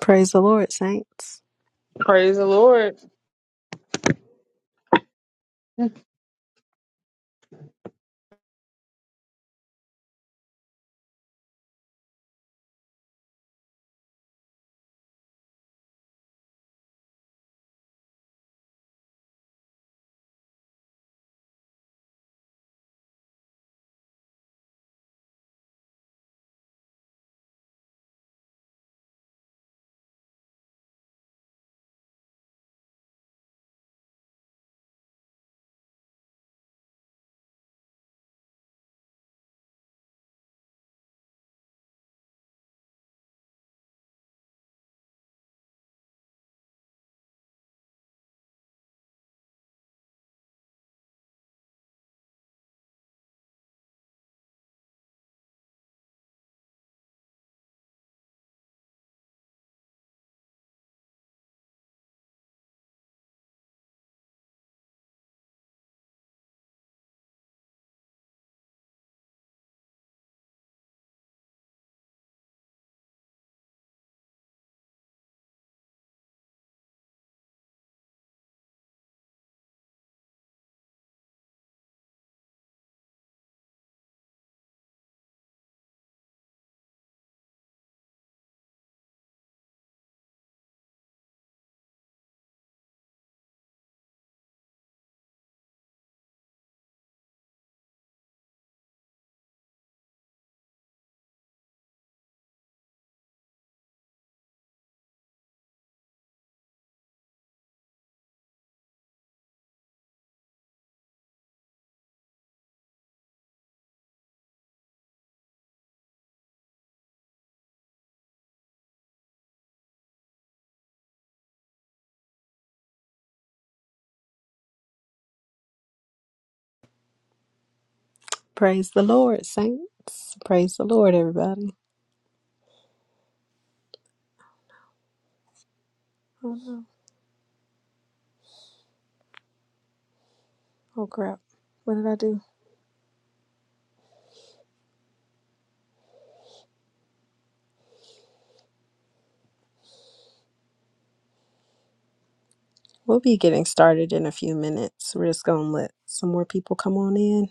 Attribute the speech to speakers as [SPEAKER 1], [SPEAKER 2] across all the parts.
[SPEAKER 1] Praise the Lord, saints.
[SPEAKER 2] Praise the Lord.
[SPEAKER 1] Praise the Lord, saints. Praise the Lord, everybody. Oh, no. oh crap. What did I do? We'll be getting started in a few minutes. We're just going to let some more people come on in.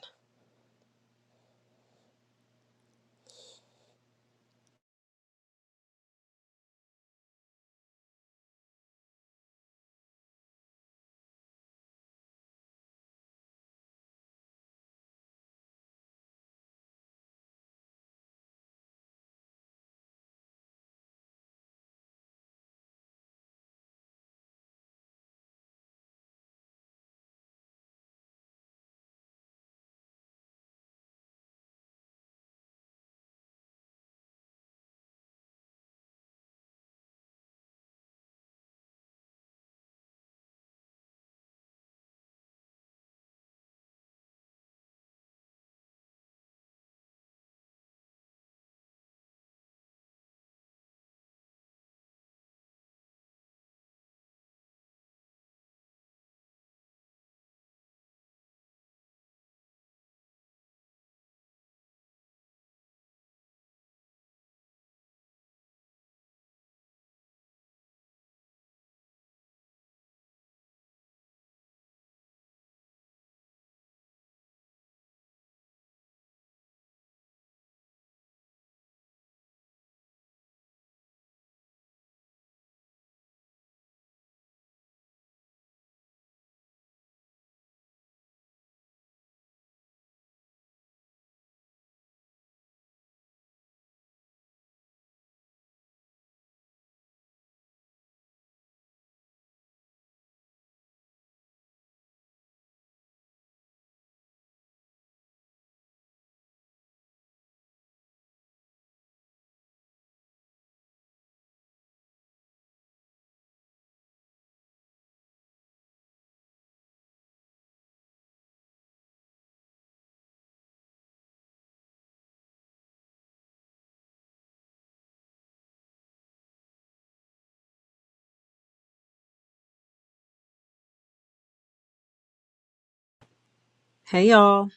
[SPEAKER 1] Hey, y'all.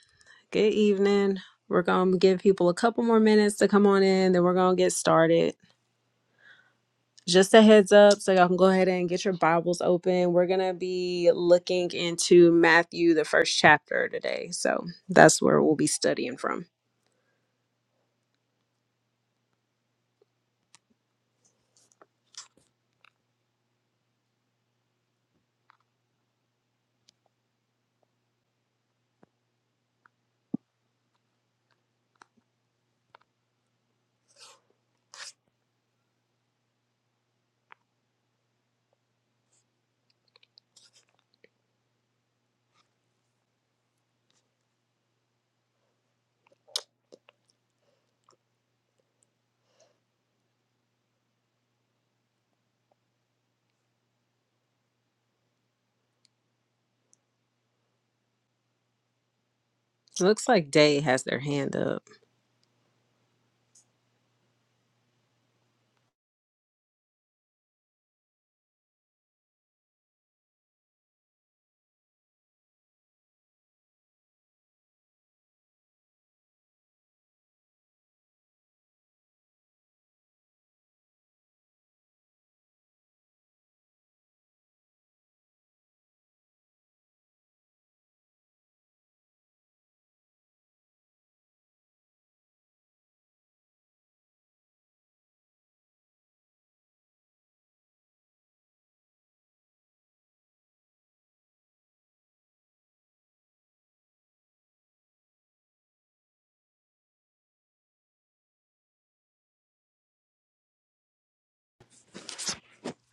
[SPEAKER 1] Good evening. We're going to give people a couple more minutes to come on in, then we're going to get started. Just a heads up so y'all can go ahead and get your Bibles open. We're going to be looking into Matthew, the first chapter today. So that's where we'll be studying from. Looks like Day has their hand up.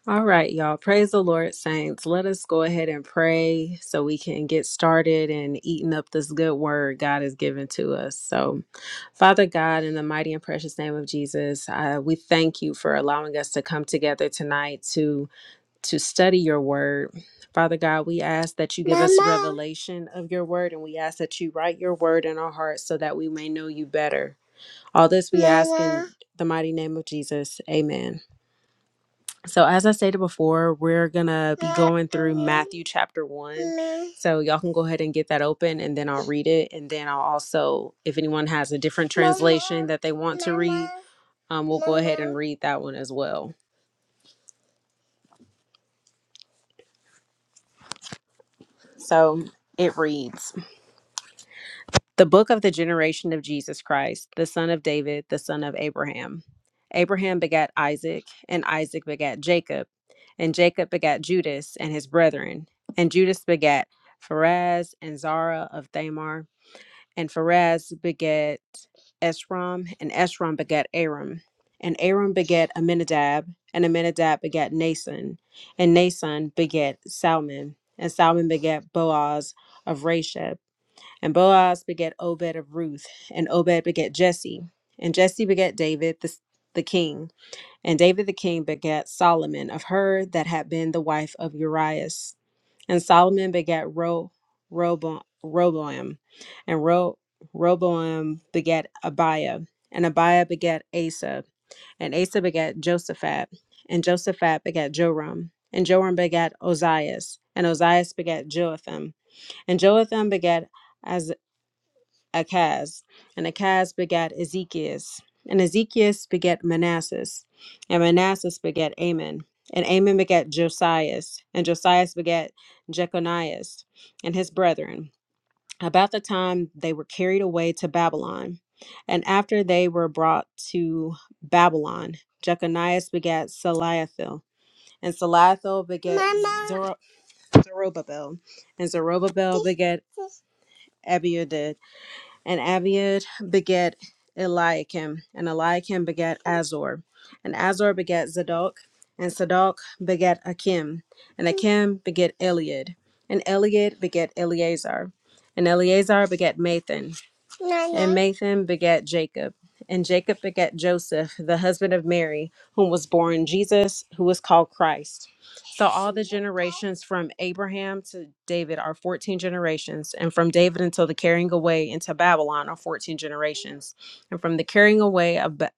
[SPEAKER 1] All right, y'all. Praise the Lord, saints. Let us go ahead and pray so we can get started and eating up this good word God has given to us. So, Father God, in the mighty and precious name of Jesus, uh, we thank you for allowing us to come together tonight to to study your word. Father God, we ask that you give us Mama. revelation of your word, and we ask that you write your word in our hearts so that we may know you better. All this we ask in Mama. the mighty name of Jesus. Amen. So, as I stated before, we're going to be going through Matthew chapter 1. So, y'all can go ahead and get that open and then I'll read it. And then I'll also, if anyone has a different translation that they want to read, um, we'll go ahead and read that one as well. So, it reads The book of the generation of Jesus Christ, the son of David, the son of Abraham. Abraham begat Isaac, and Isaac begat Jacob, and Jacob begat Judas and his brethren, and Judas begat Pharaz and Zara of Thamar, and Pharaz begat Esrom, and Esrom begat Aram, and Aram begat Amminadab, and Amminadab begat Nason, and Nason begat Salmon, and Salmon begat Boaz of Rashab and Boaz begat Obed of Ruth, and Obed begat Jesse, and Jesse begat David the, the king, and David the king begat Solomon of her that had been the wife of Urias, and Solomon begat Ro, Robo, Roboam, and Ro, Roboam begat Abiah, and Abiah begat Asa, and Asa begat Josaphat, and Josaphat begat Joram, and Joram begat Ozias, and Ozias begat Joatham, and Joatham begat Achaz, and Achaz begat Ezekias, and Ezekias begat Manassas, and Manassas begat Amon, and Amon begat Josias, and Josias begat Jeconias and his brethren. About the time they were carried away to Babylon, and after they were brought to Babylon, Jeconias begat Saliathil, and Saliathil begat Mama. Zoro- Zerubbabel, and Zerubbabel begat Abiudid, and Abiud begat Eliakim, and Eliakim begat Azor, and Azor begat Zadok, and Zadok begat Akim, and Akim begat Eliad, and Eliad begat Eleazar, and Eleazar begat Mathan, and Mathan begat Jacob, and Jacob begat Joseph, the husband of Mary, whom was born Jesus, who was called Christ. So all the generations from Abraham to David are 14 generations, and from David until the carrying away into Babylon are 14 generations, and from the carrying away of ba-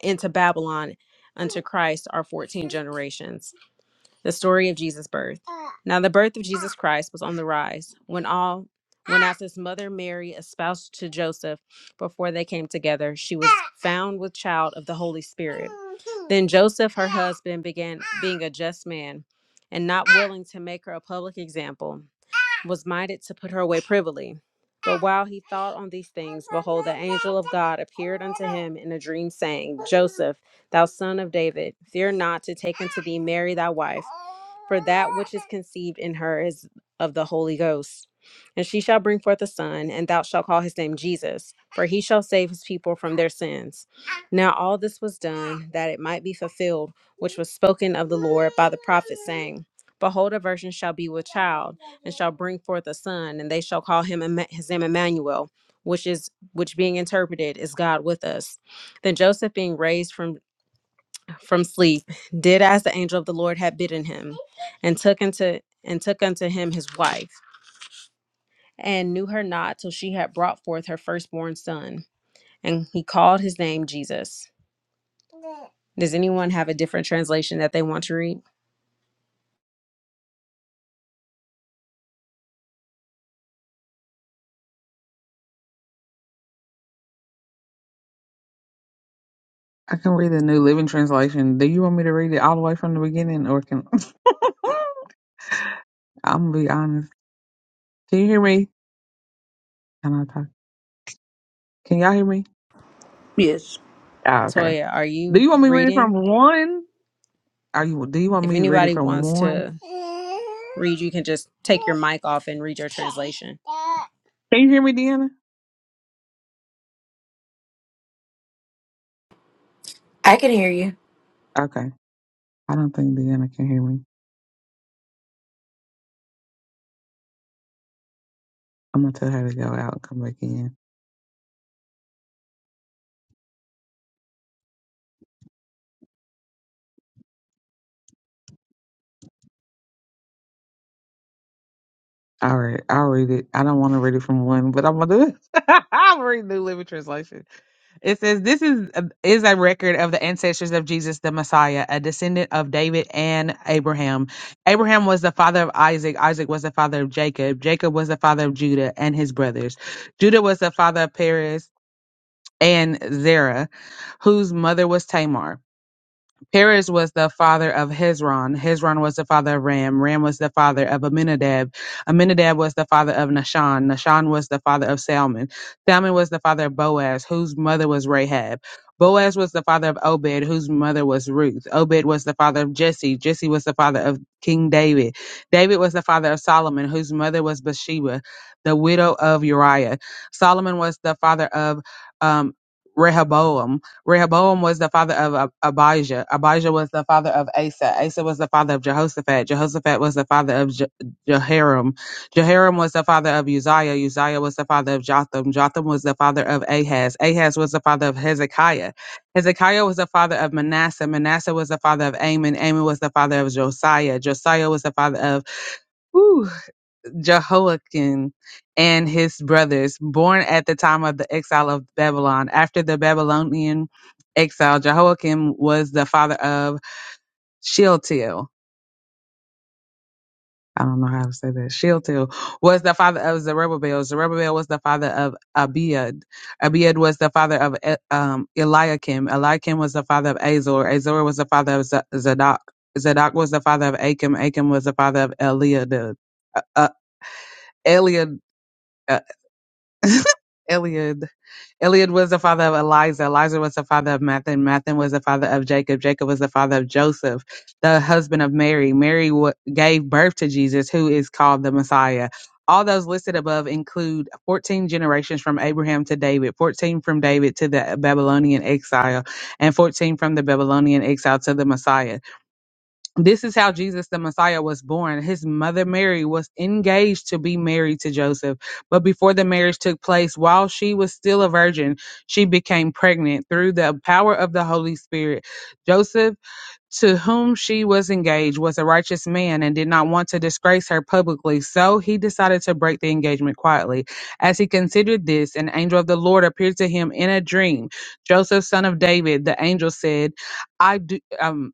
[SPEAKER 1] into Babylon unto Christ are 14 generations. The story of Jesus' birth. Now the birth of Jesus Christ was on the rise when all when after his mother Mary espoused to Joseph before they came together, she was found with child of the Holy Spirit. Then Joseph, her husband, began being a just man and not willing to make her a public example was minded to put her away privily. But while he thought on these things, behold, the angel of God appeared unto him in a dream, saying, Joseph, thou son of David, fear not to take unto thee Mary thy wife, for that which is conceived in her is of the Holy Ghost. And she shall bring forth a son, and thou shalt call his name Jesus, for he shall save his people from their sins. Now all this was done, that it might be fulfilled, which was spoken of the Lord by the prophet, saying, Behold, a virgin shall be with child, and shall bring forth a son, and they shall call him Emma- his name Emmanuel, which is which being interpreted is God with us. Then Joseph, being raised from from sleep, did as the angel of the Lord had bidden him, and took unto and took unto him his wife, and knew her not till she had brought forth her firstborn son, and he called his name Jesus. Does anyone have a different translation that they want to read?
[SPEAKER 2] I can read the New Living Translation. Do you want me to read it all the way from the beginning, or can I'm gonna be honest? Can you hear me? Can I talk? Can y'all hear me?
[SPEAKER 3] Yes.
[SPEAKER 2] Oh, okay.
[SPEAKER 1] Toya, are
[SPEAKER 2] Do
[SPEAKER 1] you
[SPEAKER 2] you want me to read it from
[SPEAKER 1] reading?
[SPEAKER 2] one? Are you? Do you want
[SPEAKER 1] If
[SPEAKER 2] me to read it
[SPEAKER 1] anybody
[SPEAKER 2] from
[SPEAKER 1] wants
[SPEAKER 2] one?
[SPEAKER 1] to read, you can just take your mic off and read your translation.
[SPEAKER 2] Can you hear me, Deanna?
[SPEAKER 4] I can hear you.
[SPEAKER 2] Okay. I don't think Deanna can hear me. I'm gonna tell her to go out and come back in. All right, I'll read it. I don't want to read it from one, but I'm gonna do it. I'll read New Living Translation. It says this is is a record of the ancestors of Jesus the Messiah, a descendant of David and Abraham. Abraham was the father of Isaac, Isaac was the father of Jacob, Jacob was the father of Judah and his brothers. Judah was the father of Perez and Zerah, whose mother was Tamar. Perez was the father of Hezron. Hezron was the father of Ram. Ram was the father of Aminadab. Aminadab was the father of Nahshon. Nahshon was the father of Salmon. Salmon was the father of Boaz, whose mother was Rahab. Boaz was the father of Obed, whose mother was Ruth. Obed was the father of Jesse. Jesse was the father of King David. David was the father of Solomon, whose mother was Bathsheba, the widow of Uriah. Solomon was the father of um, Rehoboam. Rehoboam was the father of Abijah. Abijah was the father of Asa. Asa was the father of Jehoshaphat. Jehoshaphat was the father of Je- Jehoram. Jehoram was the father of Uzziah. Uzziah was the father of Jotham. Jotham was the father of Ahaz. Ahaz was the father of Hezekiah. Hezekiah was the father of Manasseh. Manasseh was the father of Amon. Amon was the father of Josiah. Josiah was the father of whew, Jehoiakim and his brothers, born at the time of the exile of Babylon. After the Babylonian exile, Jehoiakim was the father of Shealtiel. I don't know how to say that. Shealtiel was the father of Zerubbabel. Zerubbabel was the father of Abiad. Abiad was the father of E- um, Eliakim. Eliakim was the father of Azor. Azor was the father of Z- Zadok. Zadok was the father of Achim. Achim was the father of Eliad. Uh, uh, Eliad. Eliad. Eliad was the father of Eliza. Eliza was the father of Mathan. Mathan was the father of Jacob. Jacob was the father of Joseph, the husband of Mary. Mary wa gave birth to Jesus, who is called the Messiah. All those listed above include 14 generations from Abraham to David, 14 from David to the Babylonian exile, and 14 from the Babylonian exile to the Messiah this is how Jesus the Messiah was born. His mother Mary was engaged to be married to Joseph. But before the marriage took place, while she was still a virgin, she became pregnant through the power of the Holy Spirit. Joseph, to whom she was engaged, was a righteous man and did not want to disgrace her publicly. So he decided to break the engagement quietly. As he considered this, an angel of the Lord appeared to him in a dream. Joseph, son of David, the angel said, I do. Um,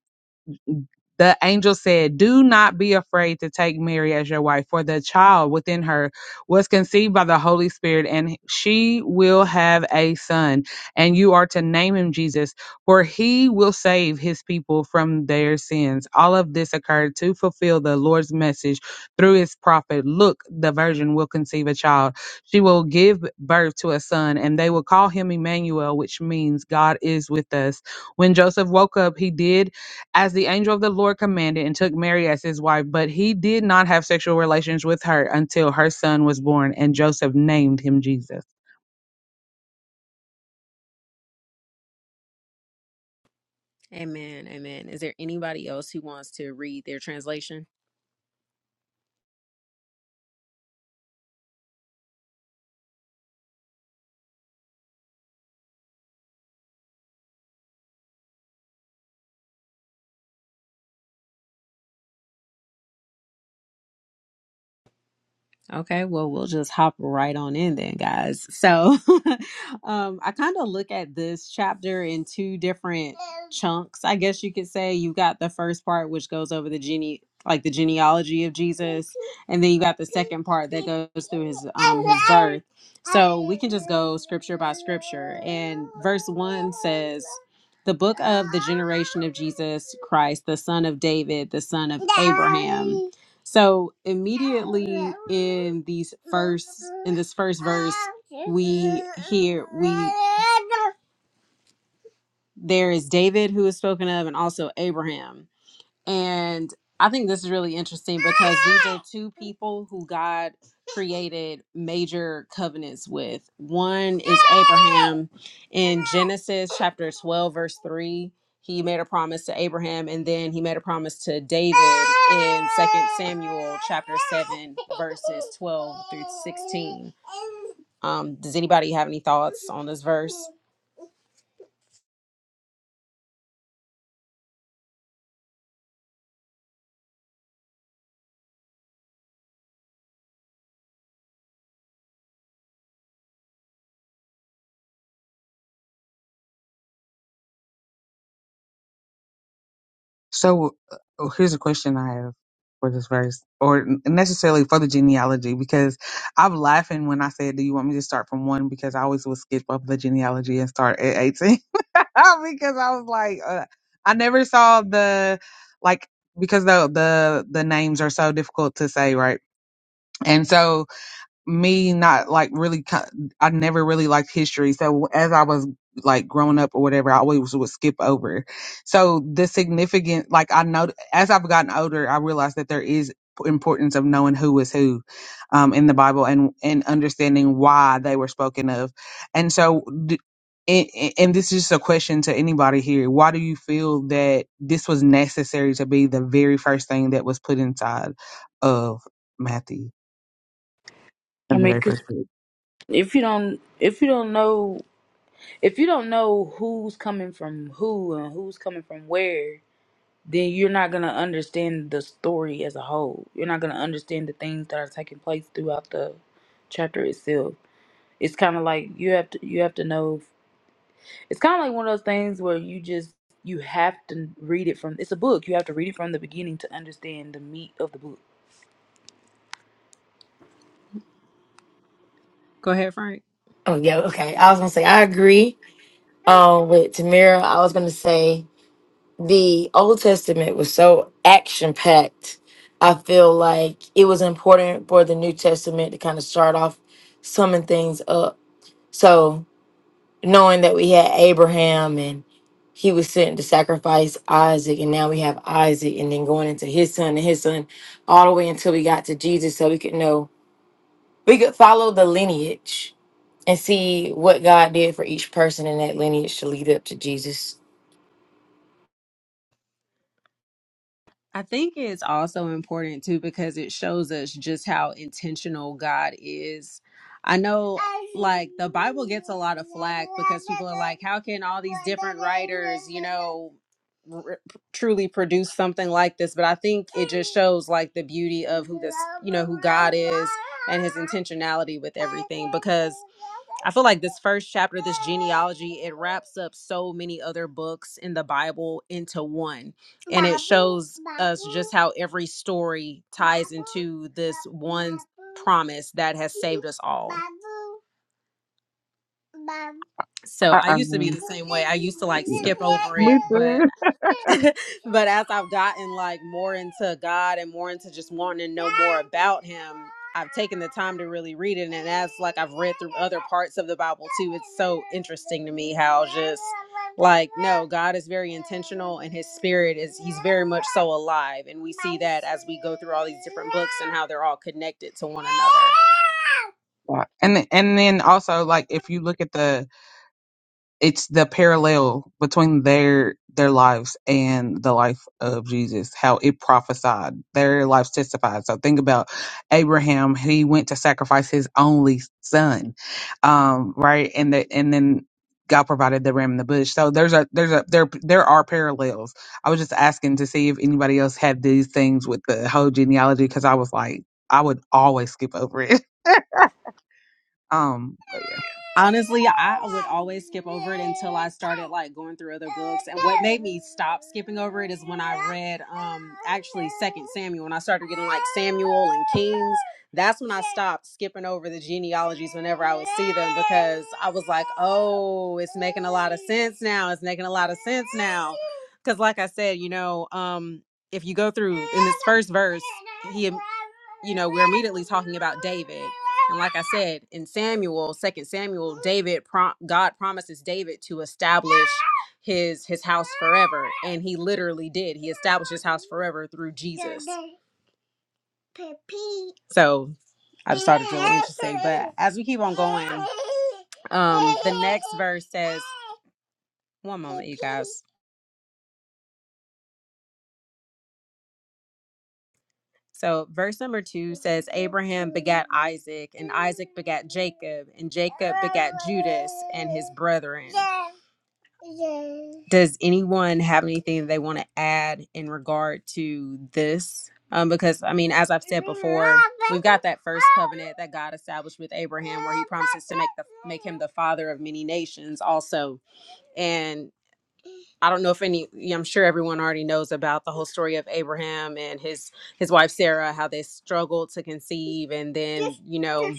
[SPEAKER 2] the angel said, Do not be afraid to take Mary as your wife, for the child within her was conceived by the Holy Spirit, and she will have a son. And you are to name him Jesus, for he will save his people from their sins. All of this occurred to fulfill the Lord's message through his prophet Look, the virgin will conceive a child. She will give birth to a son, and they will call him Emmanuel, which means God is with us. When Joseph woke up, he did as the angel of the Lord commanded, and took Mary as his wife. But he did not have sexual relations with her until her son was born, and Joseph named him Jesus.
[SPEAKER 1] Amen. Amen. Is there anybody else who wants to read their translation? Okay, well, we'll just hop right on in then, guys. So, um, I kind of look at this chapter in two different chunks, I guess you could say. You got the first part, which goes over the gene, like the genealogy of Jesus, and then you got the second part that goes through his um his birth. So we can just go scripture by scripture. And verse one says, "The book of the generation of Jesus Christ, the son of David, the son of Abraham." So immediately in these first in this first verse, we hear we there is David who is spoken of and also Abraham. And I think this is really interesting because these are two people who God created major covenants with. One is Abraham in Genesis chapter 12, verse 3. He made a promise to Abraham, and then he made a promise to David in Second Samuel chapter 7, verses 12 through 16. Um, does anybody have any thoughts on this verse?
[SPEAKER 2] So uh, here's a question I have for this verse, or necessarily for the genealogy, because I'm laughing when I said, "Do you want me to start from one?" Because I always would skip up the genealogy and start at 18, because I was like, uh, I never saw the like because the the the names are so difficult to say, right? And so me not like really co- I never really liked history. So as I was like growing up or whatever, I always would skip over. So the significant like I know as I've gotten older, I realized that there is importance of knowing who is who um in the Bible and and understanding why they were spoken of. And so d- and, and this is just a question to anybody here. Why do you feel that this was necessary to be the very first thing that was put inside of Matthew
[SPEAKER 3] I
[SPEAKER 2] in the
[SPEAKER 3] mean,
[SPEAKER 2] very
[SPEAKER 3] 'cause
[SPEAKER 2] first book?
[SPEAKER 3] if you don't, if you don't know, if you don't know who's coming from who and who's coming from where, then you're not gonna understand the story as a whole. You're not gonna understand the things that are taking place throughout the chapter itself. It's kind of like you have to, you have to know. It's kind of like one of those things where you just you have to read it from. It's a book. You have to read it from the beginning to understand the meat of the book.
[SPEAKER 1] Go ahead, Frank.
[SPEAKER 4] Oh yeah, okay. I was gonna say I agree um with Tamira. I was gonna say the Old Testament was so action packed. I feel like it was important for the New Testament to kind of start off summing things up. So knowing that we had Abraham and he was sent to sacrifice Isaac, and now we have Isaac, and then going into his son and his son, all the way until we got to Jesus, so we could know we could follow the lineage and see what God did for each person in that lineage to lead up to Jesus.
[SPEAKER 1] I think it's also important too because it shows us just how intentional God is. I know like the Bible gets a lot of flack because people are like how can all these different writers, you know, r- truly produce something like this, but I think it just shows like the beauty of who this, you know, who God is and his intentionality with everything because I feel like this first chapter, this genealogy, it wraps up so many other books in the Bible into one and it shows us just how every story ties into this one promise that has saved us all. Mom. So
[SPEAKER 2] I,
[SPEAKER 1] I
[SPEAKER 2] I
[SPEAKER 1] used to be
[SPEAKER 2] agree.
[SPEAKER 1] the same way. I used to like
[SPEAKER 2] Yeah.
[SPEAKER 1] skip over
[SPEAKER 2] Me
[SPEAKER 1] it, but
[SPEAKER 2] too.
[SPEAKER 1] but as I've gotten like more into God and more into just wanting to know more about him, I've taken the time to really read it and as like I've read through other parts of the Bible too, it's so interesting to me how just like no, God is very intentional and his spirit is he's very much so alive and we see that as we go through all these different books and how they're all connected to one another.
[SPEAKER 2] Yeah. And and then also like if you look at the it's the parallel between their their lives and the life of Jesus, how it prophesied. Their lives testified. So think about Abraham, he went to sacrifice his only son. Um, right. And that and then God provided the ram in the bush. So there's a there's a there there are parallels. I was just asking to see if anybody else had these things with the whole genealogy because I was like, I would always skip over it. Um, but yeah.
[SPEAKER 1] honestly i would always skip over it until i started like going through other books and what made me stop skipping over it is when i read um actually second samuel when i started getting like samuel and kings that's when i stopped skipping over the genealogies whenever i would see them because i was like oh it's making a lot of sense now it's making a lot of sense now because like i said you know um if you go through in this first verse, he, you know, we're immediately talking about David. And like I said, in Samuel, Second Samuel, David, prom- God promises David to establish his his house forever, and he literally did. He established his house forever through Jesus. So I just thought it was really interesting. But as we keep on going, um, the next verse says, "One moment, you guys." So, verse number two says, Abraham begat Isaac, and Isaac begat Jacob, and Jacob begat Judas and his brethren. Does anyone have anything they want to add in regard to this? Um, because, I mean, as I've said before, we've got that first covenant that God established with Abraham, where he promises to make, the, make him the father of many nations also. I don't know if any yeah, I'm sure everyone already knows about the whole story of Abraham and his his wife Sarah how they struggled to conceive and then you know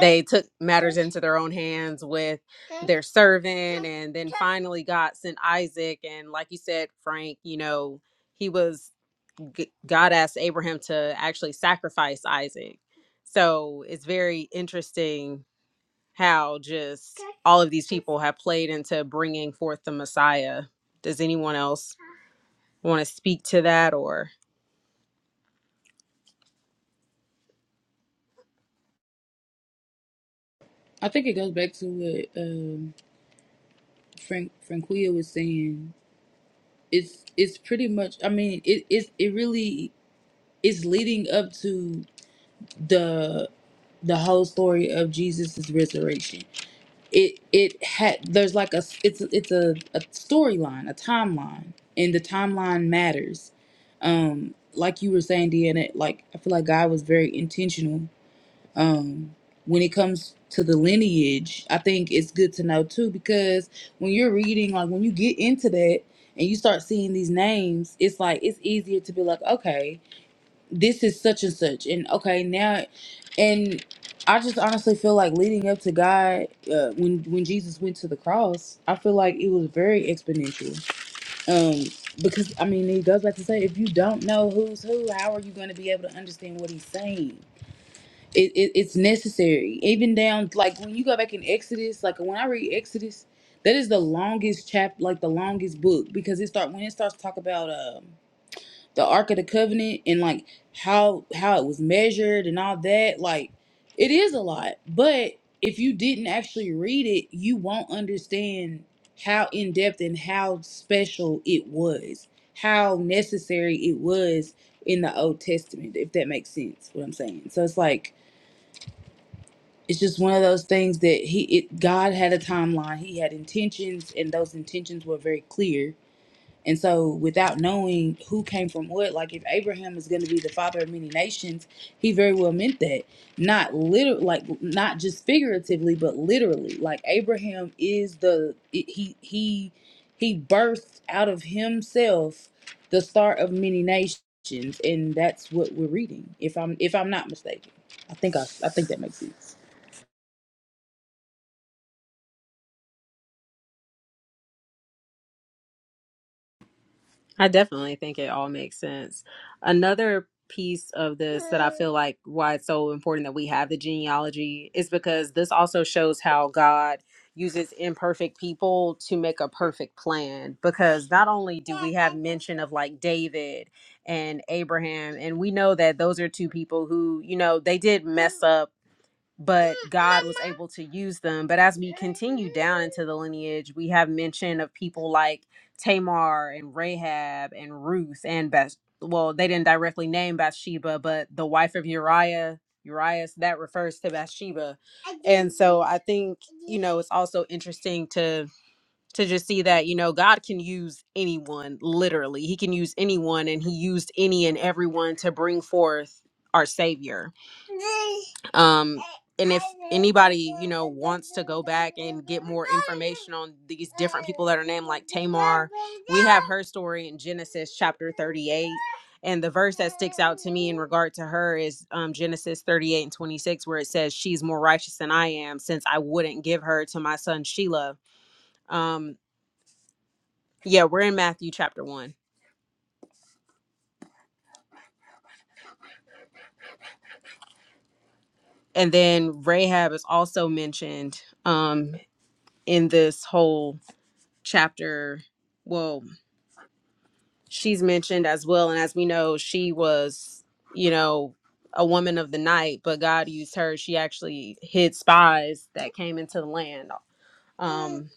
[SPEAKER 1] they took matters into their own hands with their servant and then finally God sent Isaac and like you said Frank you know he was g- God asked Abraham to actually sacrifice Isaac so it's very interesting how just all of these people have played into bringing forth the Messiah. Does anyone else want to speak to that? Or
[SPEAKER 3] I think it goes back to what um, Frank Franquia was saying it's it's pretty much i mean it it's, it really is leading up to the the whole story of jesus' resurrection it it had there's like a it's it's a, a storyline a timeline and the timeline matters um like you were saying deanna like i feel like god was very intentional um when it comes to the lineage i think it's good to know too because when you're reading like when you get into that and you start seeing these names it's like it's easier to be like okay this is such and such and okay now and i just honestly feel like leading up to god uh, when when jesus went to the cross i feel like it was very exponential um because i mean it goes back to say if you don't know who's who how are you going to be able to understand what he's saying it, it it's necessary even down like when you go back in exodus like when i read exodus that is the longest chap like the longest book because it start when it starts to talk about um the ark of the covenant and like how how it was measured and all that like it is a lot but if you didn't actually read it you won't understand how in-depth and how special it was how necessary it was in the old testament if that makes sense what i'm saying so it's like it's just one of those things that he it God had a timeline. He had intentions and those intentions were very clear. And so without knowing who came from what, like if Abraham is going to be the father of many nations, he very well meant that. Not liter like not just figuratively, but literally. Like Abraham is the it- he he he birthed out of himself the start of many nations and that's what we're reading. If I'm if I'm not mistaken. I think I I think that makes sense.
[SPEAKER 1] I definitely think it all makes sense. Another piece of this that I feel like why it's so important that we have the genealogy is because this also shows how God uses imperfect people to make a perfect plan because not only do we have mention of like David and Abraham and we know that those are two people who you know they did mess up but God was able to use them. But as we continue down into the lineage, we have mention of people like Tamar and Rahab and Ruth and Bath. Well, they didn't directly name Bathsheba, but the wife of Uriah, Urias, that refers to Bathsheba. And so I think, you know, it's also interesting to to just see that you know God can use anyone literally he can use anyone and he used any and everyone to bring forth our savior um and if anybody you know wants to go back and get more information on these different people that are named like Tamar we have her story in Genesis chapter 38 and the verse that sticks out to me in regard to her is um, Genesis 38 and 26, where it says, She's more righteous than I am, since I wouldn't give her to my son Shelah Um, yeah, we're in Matthew chapter 1. And then Rahab is also mentioned um in this whole chapter. Well, she's mentioned as well and as we know, she was, you know, a woman of the night, but God used her. She actually hid spies that came into the land. Um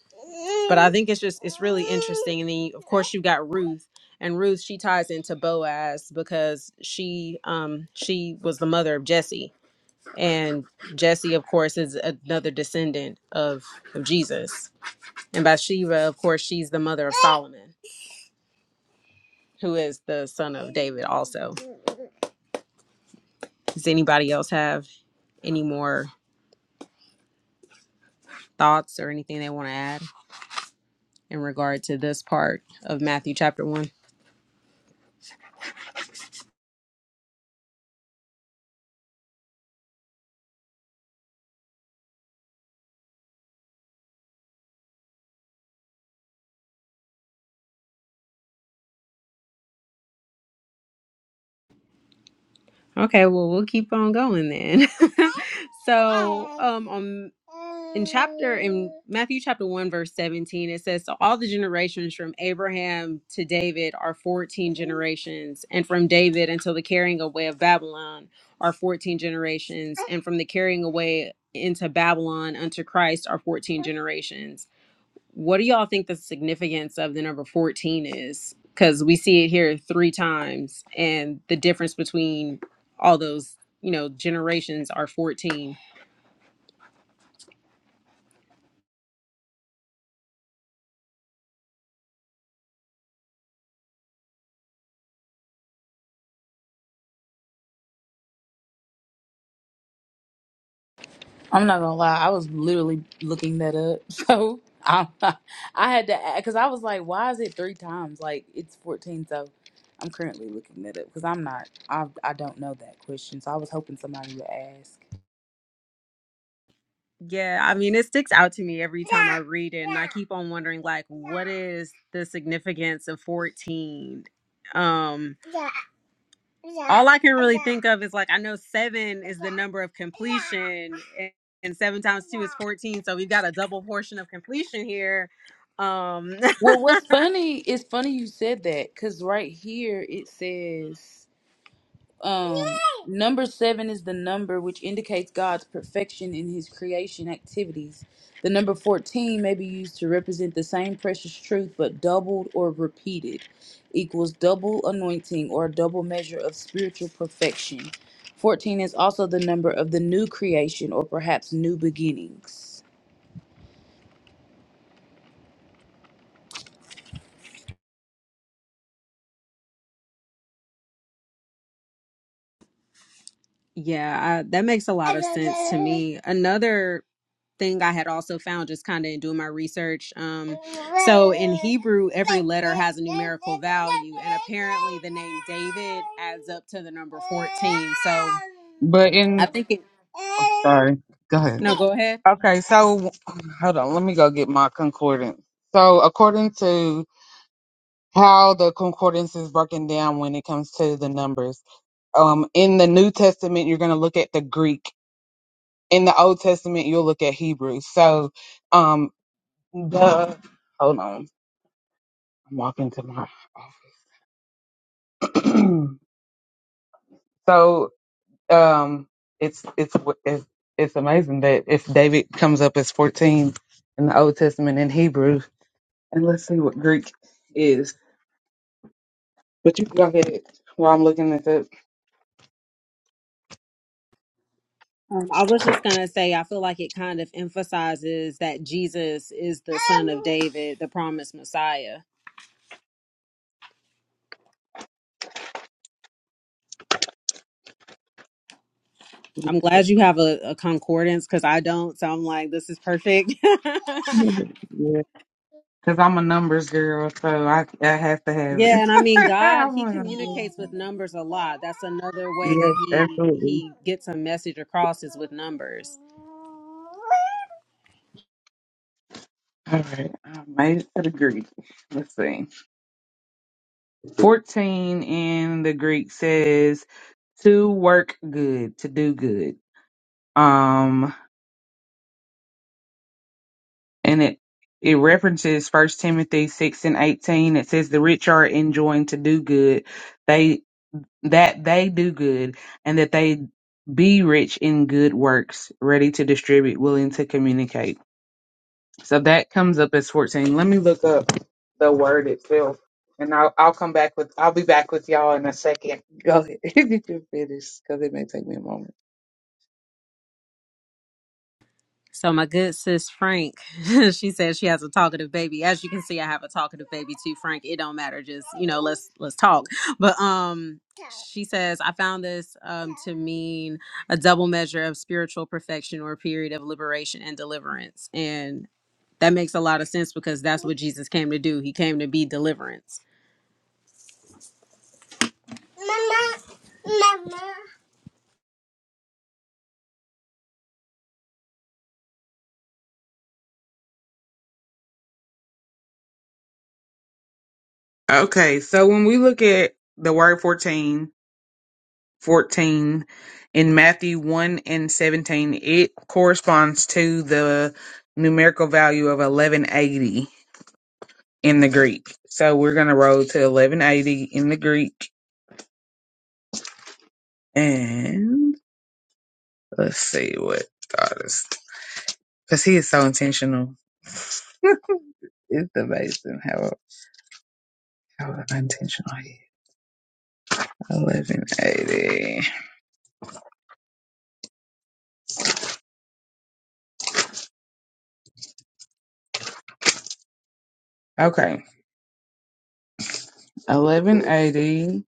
[SPEAKER 1] but I think it's just it's really interesting and then of course you have got Ruth and Ruth she ties into Boaz because she um she was the mother of Jesse and Jesse, of course, is another descendant of, of Jesus. And Bathsheba, of course, she's the mother of Solomon, who is the son of David also. Does anybody else have any more thoughts or anything they want to add in regard to this part of Matthew chapter 1? Okay, well, we'll keep on going then. so, um, on in chapter in Matthew chapter 1 verse 17 it says so all the generations from Abraham to David are 14 generations and from David until the carrying away of Babylon are 14 generations and from the carrying away into Babylon unto Christ are 14 generations what do y'all think the significance of the number 14 is? Because we see it here three times, and the difference between all those, you know, generations are 14.
[SPEAKER 3] I'm not gonna lie, I was literally looking that up. So i I had to because I was like, why is it three times? Like it's 14. So I'm currently looking that up because I'm not. I I don't know that question. So I was hoping somebody would ask.
[SPEAKER 1] Yeah, I mean, it sticks out to me every time I read it, and I keep on wondering, like, what is the significance of 14? Um, Yeah. All I can really yeah. think of is like I know seven is the number of completion, and, and seven times two is fourteen. So we've got a double portion of completion here. Um,
[SPEAKER 3] Well, what's funny is funny you said that because right here it says. Um, number seven is the number which indicates God's perfection in his creation activities. The number 14 may be used to represent the same precious truth but doubled or repeated, equals double anointing or double measure of spiritual perfection. 14 is also the number of the new creation or perhaps new beginnings.
[SPEAKER 1] yeah, I, that makes a lot of sense to me. Another thing I had also found just kind of in doing my research. Um, so in Hebrew, every letter has a numerical value, and apparently the name David adds up to the number fourteen. So
[SPEAKER 2] But in
[SPEAKER 1] I think it.
[SPEAKER 2] Sorry. Go
[SPEAKER 1] No,
[SPEAKER 2] ahead.
[SPEAKER 1] go ahead.
[SPEAKER 2] Okay, so hold on. Let me go get my concordance. So, according to how the concordance is broken down when it comes to the numbers, um, in the New Testament, you're going to look at the Greek. In the Old Testament, you'll look at Hebrew. So, um, the hold on. I'm walking to my office. so, um, it's it's it's it's amazing that if David comes up as 14 in the Old Testament in Hebrew, And let's see what Greek is. But you can go ahead while I'm looking this up.
[SPEAKER 1] Um, I was just going to say, I feel like it kind of emphasizes that Jesus is the son of David, the promised Messiah. I'm glad you have a, a concordance because I don't. So I'm like, this is perfect.
[SPEAKER 2] Yeah. Because I'm a numbers girl, so I, I have to have
[SPEAKER 1] yeah.
[SPEAKER 2] it.
[SPEAKER 1] And I mean, God,
[SPEAKER 2] I'm
[SPEAKER 1] he
[SPEAKER 2] a
[SPEAKER 1] communicates with numbers a lot. That's another way that
[SPEAKER 2] Yes,
[SPEAKER 1] he,
[SPEAKER 2] absolutely.
[SPEAKER 1] he gets a message across is with numbers.
[SPEAKER 2] All right, I made it to the Greek. Let's see. 14 in the Greek says to work good, to do good. Um, and it it references First Timothy 6 and 18. It says the rich are enjoined to do good. They that they do good and that they be rich in good works, ready to distribute, willing to communicate. So that comes up as 14. Let me look up the word itself and I'll, I'll come back with, I'll be back with y'all in a second. Go ahead. you can finish because it may take me a moment.
[SPEAKER 1] So my good sis Frank, she said she has a talkative baby. As you can see, I have a talkative baby too, Frank. It don't matter. Just you know, let's let's talk. But um, she says I found this um to mean a double measure of spiritual perfection or a period of liberation and deliverance, and that makes a lot of sense because that's what Jesus came to do. He came to be deliverance. Mama, mama.
[SPEAKER 2] Okay. So when we look at the word 14, 14 in Matthew 1 and 17, it corresponds to the numerical value of 1180 in the Greek. So we're gonna roll to eleven eighty in the Greek, and let's see what God is because he is so intentional. it's amazing how how intentional he is. Eleven eighty. Okay, eleven eighty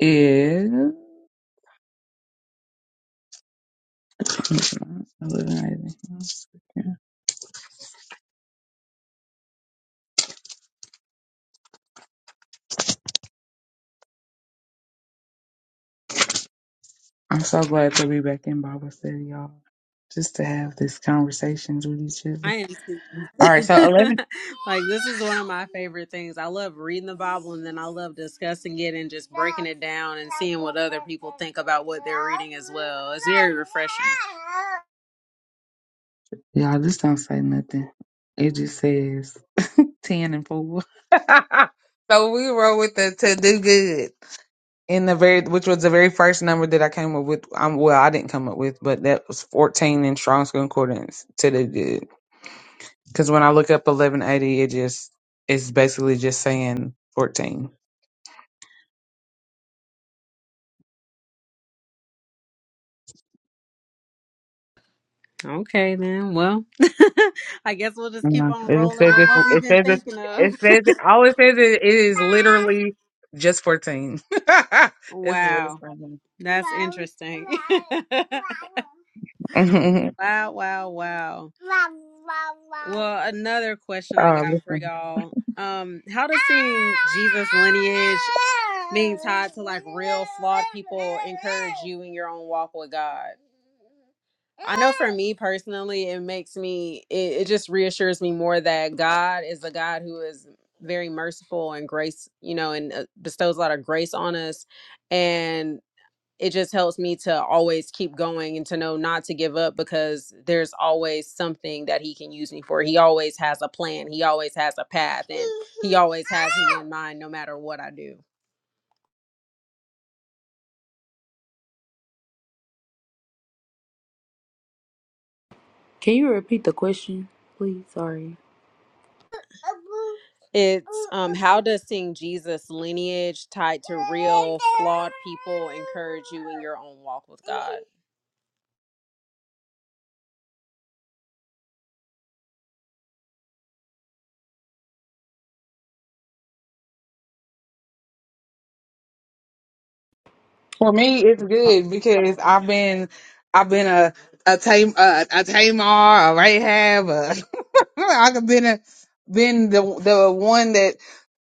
[SPEAKER 2] is. Eleven eighty. I'm so glad to be back in Bible study, y'all. Just to have these conversations with each
[SPEAKER 1] I
[SPEAKER 2] other.
[SPEAKER 1] am too.
[SPEAKER 2] All right, so eleven.
[SPEAKER 1] like this is one of my favorite things. I love reading the Bible and then I love discussing it and just breaking it down and seeing what other people think about what they're reading as well. It's very refreshing.
[SPEAKER 2] Y'all, this don't say nothing. It just says 10 and 4. so we roll with the to do good. In the very, which was the very first number that I came up with. Um, well, I didn't come up with, but that was 14 in Strong's Concordance to do good. Because when I look up 1180, it just, it's basically just saying 14.
[SPEAKER 1] Okay then. Well, I guess we'll just keep
[SPEAKER 2] Yeah.
[SPEAKER 1] on
[SPEAKER 2] It
[SPEAKER 1] rolling with
[SPEAKER 2] says it.
[SPEAKER 1] what we've
[SPEAKER 2] It
[SPEAKER 1] been
[SPEAKER 2] says it.
[SPEAKER 1] thinking of.
[SPEAKER 2] It says it. All it says is it is literally just fourteen. this is what it's
[SPEAKER 1] wow.
[SPEAKER 2] saying.
[SPEAKER 1] That's interesting.
[SPEAKER 2] Mhm.
[SPEAKER 1] Wow, wow, wow. Wow, wow, wow. Well, another question I
[SPEAKER 2] uh,
[SPEAKER 1] got for
[SPEAKER 2] listen.
[SPEAKER 1] y'all. Um, how does seeing Jesus lineage being tied to like real flawed people encourage you in your own walk with God? I know for me personally, it makes me, it, it just reassures me more that God is a God who is very merciful and grace, you know, and uh, bestows a lot of grace on us. and it just helps me to always keep going and to know not to give up because there's always something that he can use me for. He always has a plan. He always has a path and he always has me in mind no matter what I do.
[SPEAKER 3] Can you repeat the question, please? Sorry.
[SPEAKER 1] It's um how does seeing Jesus lineage tied to real flawed people encourage you in your own walk with God?
[SPEAKER 2] For me, it's good because I've been, I've been a a tame a, a Tamar, a Rahab. A, I've been a been the the one that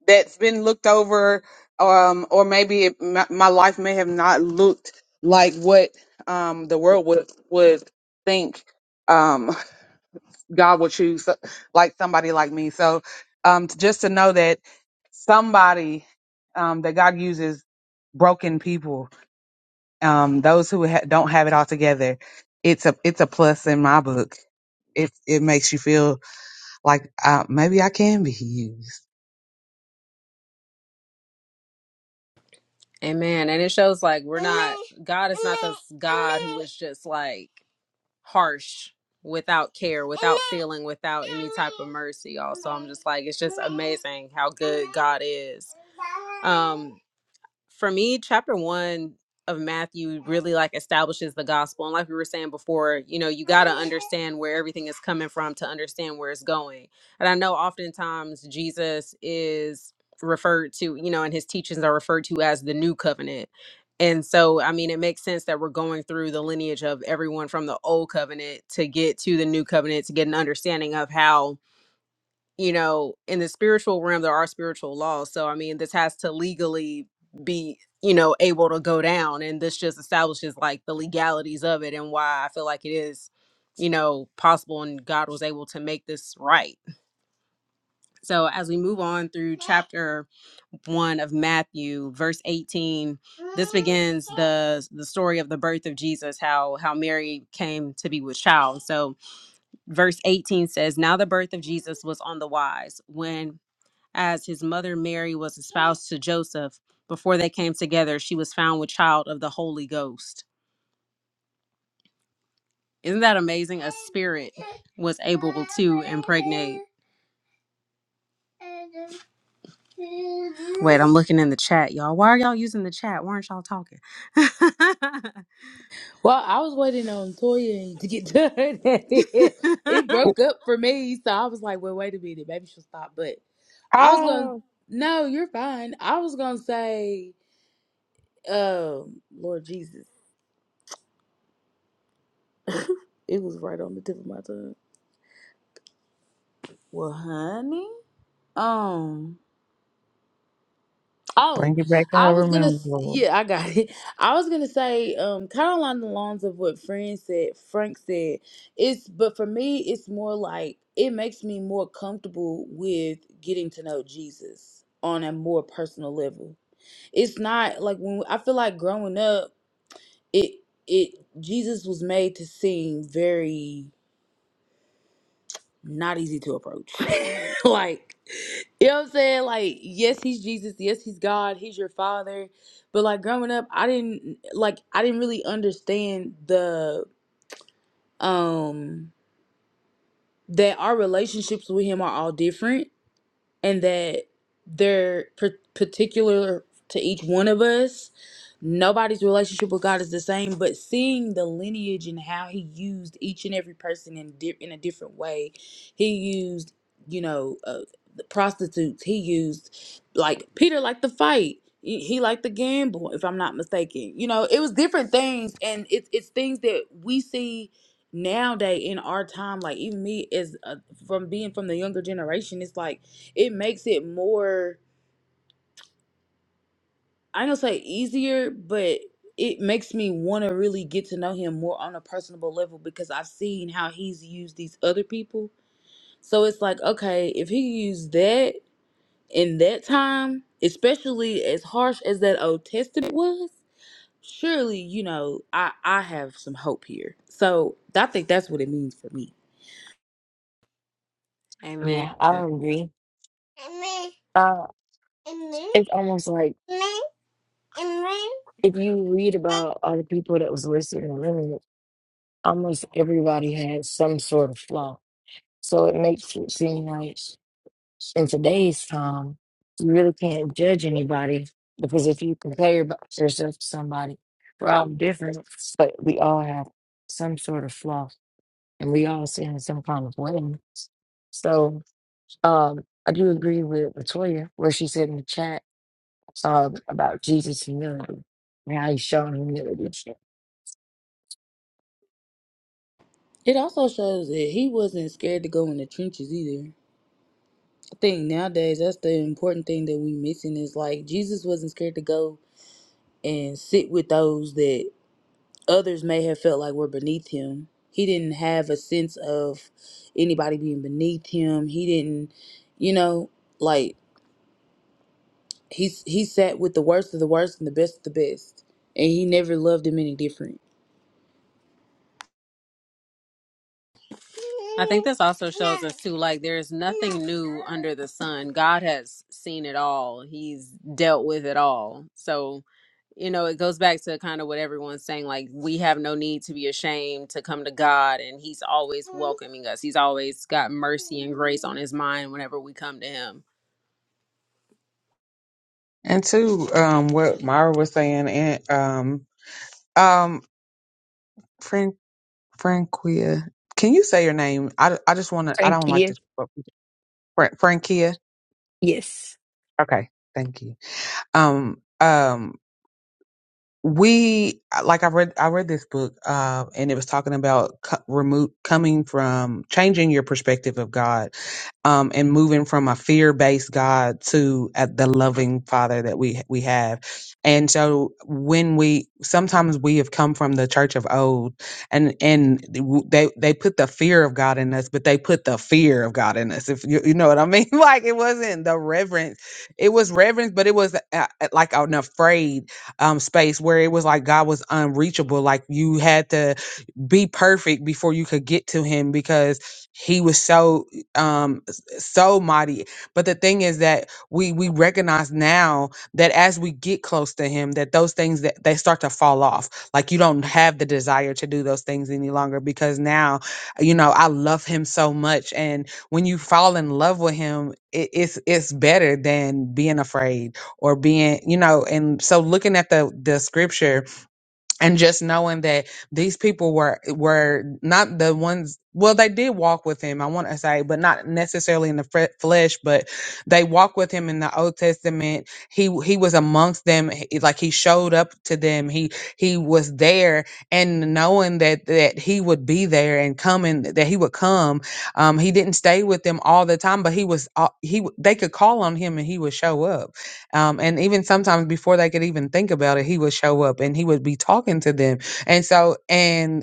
[SPEAKER 2] that's been looked over um or maybe it, my, my life may have not looked like what um the world would would think um God would choose so- like somebody like me so um to, just to know that somebody um that God uses broken people um those who ha- don't have it all together it's a it's a plus in my book it it makes you feel like uh, maybe I can be used
[SPEAKER 1] Amen. And it shows like we're not God is not this God who is just like harsh without care, without feeling, without any type of mercy. Also, I'm just like, it's just amazing how good God is. Um, for me, chapter one of Matthew really like establishes the gospel. And like we were saying before, you know, you got to understand where everything is coming from to understand where it's going. And I know oftentimes Jesus is referred to, you know, and his teachings are referred to as the new covenant. And so, I mean, it makes sense that we're going through the lineage of everyone from the old covenant to get to the new covenant to get an understanding of how you know, in the spiritual realm, there are spiritual laws. So, I mean, this has to legally be, you know, able to go down. And this just establishes like the legalities of it and why I feel like it is, you know, possible and God was able to make this right. So, as we move on through chapter one of Matthew, verse 18, this begins the the story of the birth of Jesus, how how Mary came to be with child. So verse 18 says, Now the birth of Jesus was on the wise when as his mother Mary was espoused to Joseph before they came together, she was found with child of the Holy Ghost. Isn't that amazing? A spirit was able to impregnate. Wait, I'm looking in the chat, y'all. Why are y'all using the chat? Why aren't y'all talking?
[SPEAKER 3] Well, I was waiting on Toya to get done. it broke up for me, so I was like, "Well, wait a minute, maybe she'll stop." But I was going, to
[SPEAKER 2] oh
[SPEAKER 3] "No, you're fine." I was going to say, um, "Lord Jesus," it was right on the tip of my tongue. Well, honey, um.
[SPEAKER 2] Bring
[SPEAKER 3] Oh,
[SPEAKER 2] it back to
[SPEAKER 3] I
[SPEAKER 2] her
[SPEAKER 3] was gonna.
[SPEAKER 2] remembrance,
[SPEAKER 3] s-
[SPEAKER 2] Lord.
[SPEAKER 3] Yeah, I got it. I was gonna say, um, kind of along the lines of what Fran said, Frank said. It's but for me, it's more like it makes me more comfortable with getting to know Jesus on a more personal level. It's not like when I feel like growing up, it it Jesus was made to seem very not easy to approach. like, you know what I'm saying? Like, yes, he's Jesus. Yes, he's God. He's your father. But like growing up, I didn't like I didn't really understand the um that our relationships with him are all different and that they're par- particular to each one of us. Nobody's relationship with God is the same, but seeing the lineage and how He used each and every person in di- in a different way, He used, you know, uh, the prostitutes. He used like Peter liked to fight. He he liked to gamble, if I'm not mistaken. You know, it was different things, and it's it's things that we see nowadays in our time. Like even me, as uh, from being from the younger generation, it's like it makes it more I don't say easier, but it makes me want to really get to know him more on a personable level because I've seen how he's used these other people. So it's like, okay, if he used that in that time, especially as harsh as that Old Testament was, surely, you know, I I have some hope here. So I think that's what it means for me.
[SPEAKER 1] Amen.
[SPEAKER 4] Yeah, I agree.
[SPEAKER 1] Amen.
[SPEAKER 4] Uh,
[SPEAKER 1] Amen.
[SPEAKER 4] it's almost like
[SPEAKER 1] Amen. Amen.
[SPEAKER 4] if you read about all the people that was listed in the lineage, almost everybody had some sort of flaw. So it makes it seem like in today's time, you really can't judge anybody because if you compare b- yourself to somebody, we're all different, but we all have some sort of flaw and we all sin in some kind of way. So. Um, I do agree with Latoya where she said in the chat um, about Jesus' humility and how he's shown humility.
[SPEAKER 3] It also shows that he wasn't scared to go in the trenches either thing nowadays that's the important thing that we missing is like jesus wasn't scared to go and sit with those that others may have felt like were beneath him he didn't have a sense of anybody being beneath him he didn't you know like he, he sat with the worst of the worst and the best of the best and he never loved them any different
[SPEAKER 1] I think this also shows us too, like there is nothing new under the sun. God has seen it all. He's dealt with it all. So, you know, it goes back to kind of what everyone's saying, like we have no need to be ashamed to come to God and He's always welcoming us. He's always got mercy and grace on his mind whenever we come to him.
[SPEAKER 2] And to um, what Myra was saying, and um, um, Fran- Franquia, can you say your name? I, I just want to. I
[SPEAKER 4] Thank
[SPEAKER 2] don't like to.
[SPEAKER 4] you.
[SPEAKER 2] Fran- Franquia.
[SPEAKER 4] Yes.
[SPEAKER 2] Okay, thank you. Um, um. we uh, like I read I read this book um and it was talking about co- remove coming from changing your perspective of God um and moving from a fear-based God to at the loving father that we we have. And so when we sometimes we have come from the church of old and and they they put the fear of God in us but they put the fear of God in us if you you know what I mean like it wasn't the reverence it was reverence but it was uh, uh, like an afraid um space where it was like God was unreachable. Like you had to be perfect before you could get to him because he was so um s- so mighty but the thing is that we we recognize now that as we get close to him that those things that they start to fall off like you don't have the desire to do those things any longer because now you know i love him so much and when you fall in love with him it, it's it's better than being afraid or being you know and so looking at the the scripture and just knowing that these people were were not the ones well they did walk with him i want to say but not necessarily in the fre- flesh but they walked with him in the old testament he he was amongst them he- like he showed up to them he he was there and knowing that that he would be there and coming that he would come um he didn't stay with them all the time but he was uh, he they could call on him and he would show up um, and even sometimes before they could even think about it he would show up and he would be talking to them and so and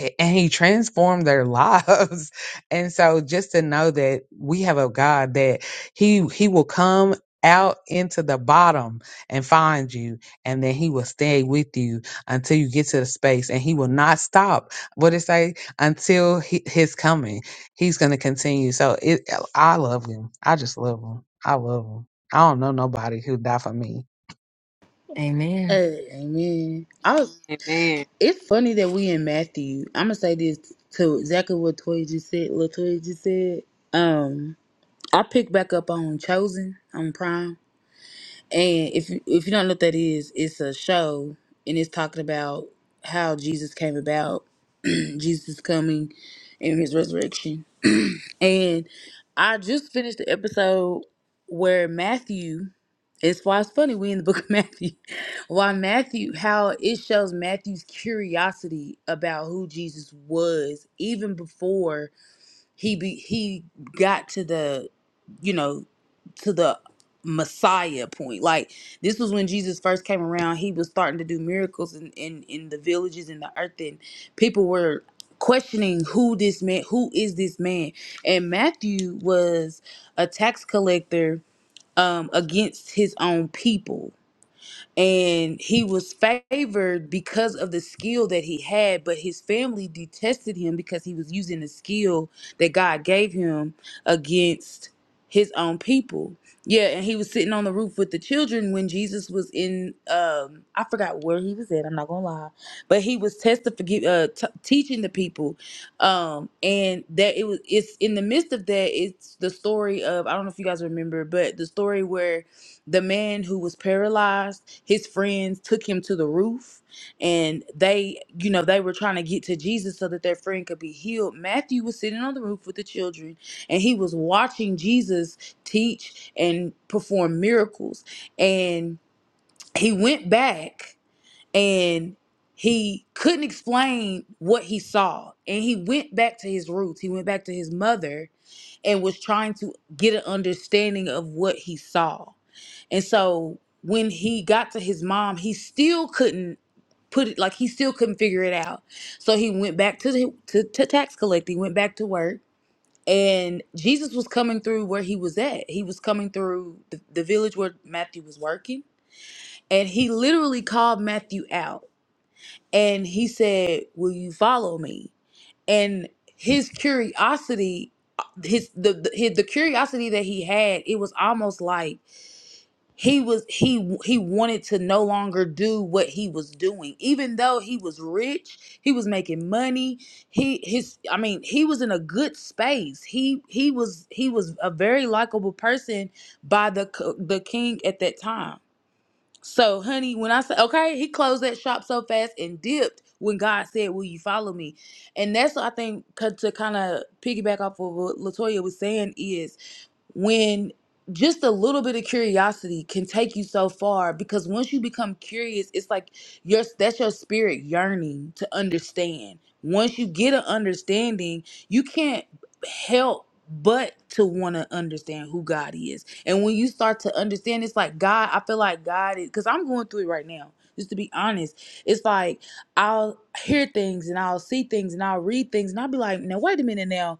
[SPEAKER 2] a- and he transformed their lives and so just to know that we have a god that he he will come out into the bottom and find you and then he will stay with you until you get to the space and he will not stop what it say until he, his coming he's going to continue so it i love him i just love him i love him i don't know nobody who died for me
[SPEAKER 4] Amen.
[SPEAKER 3] hey, amen i was
[SPEAKER 1] Amen.
[SPEAKER 3] it's funny that we in matthew i'm gonna say this to exactly what toy just said latoya just said Um. I picked back up on Chosen on Prime, and if you- if you don't know what that is, it's a show, and it's talking about how Jesus came about, Jesus coming, and his resurrection. and I just finished the episode where Matthew. It's why it's funny we in the book of Matthew. Why Matthew? How it shows Matthew's curiosity about who Jesus was, even before he be, he got to the you know to the messiah point like this was when jesus first came around he was starting to do miracles in in, in the villages in the earth and people were questioning who this man who is this man and matthew was a tax collector um against his own people and he was favored because of the skill that he had but his family detested him because he was using the skill that god gave him against his own people yeah and he was sitting on the roof with the children when jesus was in um i forgot where he was at i'm not gonna lie but he was testifying uh t- teaching the people um and that it was it's in the midst of that it's the story of i don't know if you guys remember but the story where the man who was paralyzed his friends took him to the roof and they you know they were trying to get to jesus so that their friend could be healed matthew was sitting on the roof with the children and he was watching jesus teach and perform miracles and he went back and he couldn't explain what he saw and he went back to his roots he went back to his mother and was trying to get an understanding of what he saw and so when he got to his mom, he still couldn't put it like he still couldn't figure it out. So he went back to the to, to tax collecting, went back to work. And Jesus was coming through where he was at. He was coming through the, the village where Matthew was working. And he literally called Matthew out and he said, Will you follow me? And his curiosity, uh, his the, the his, the curiosity that he had, it was almost like he was he he wanted to no longer do what he was doing even though he was rich he was making money he his i mean he was in a good space he he was he was a very likable person by the c- the king at that time so honey when i say okay he closed that shop so fast and dipped when god said will you follow me and that's what i think 'cause to kind of piggyback off of what latoya was saying is when just a little bit of curiosity can take you so far because once you become curious it's like your that's your spirit yearning to understand once you get an understanding you can't help but to want to understand who god is and when you start to understand it's like god i feel like god is because i'm going through it right now just to be honest it's like i'll hear things and i'll see things and i'll read things and i'll be like now wait a minute now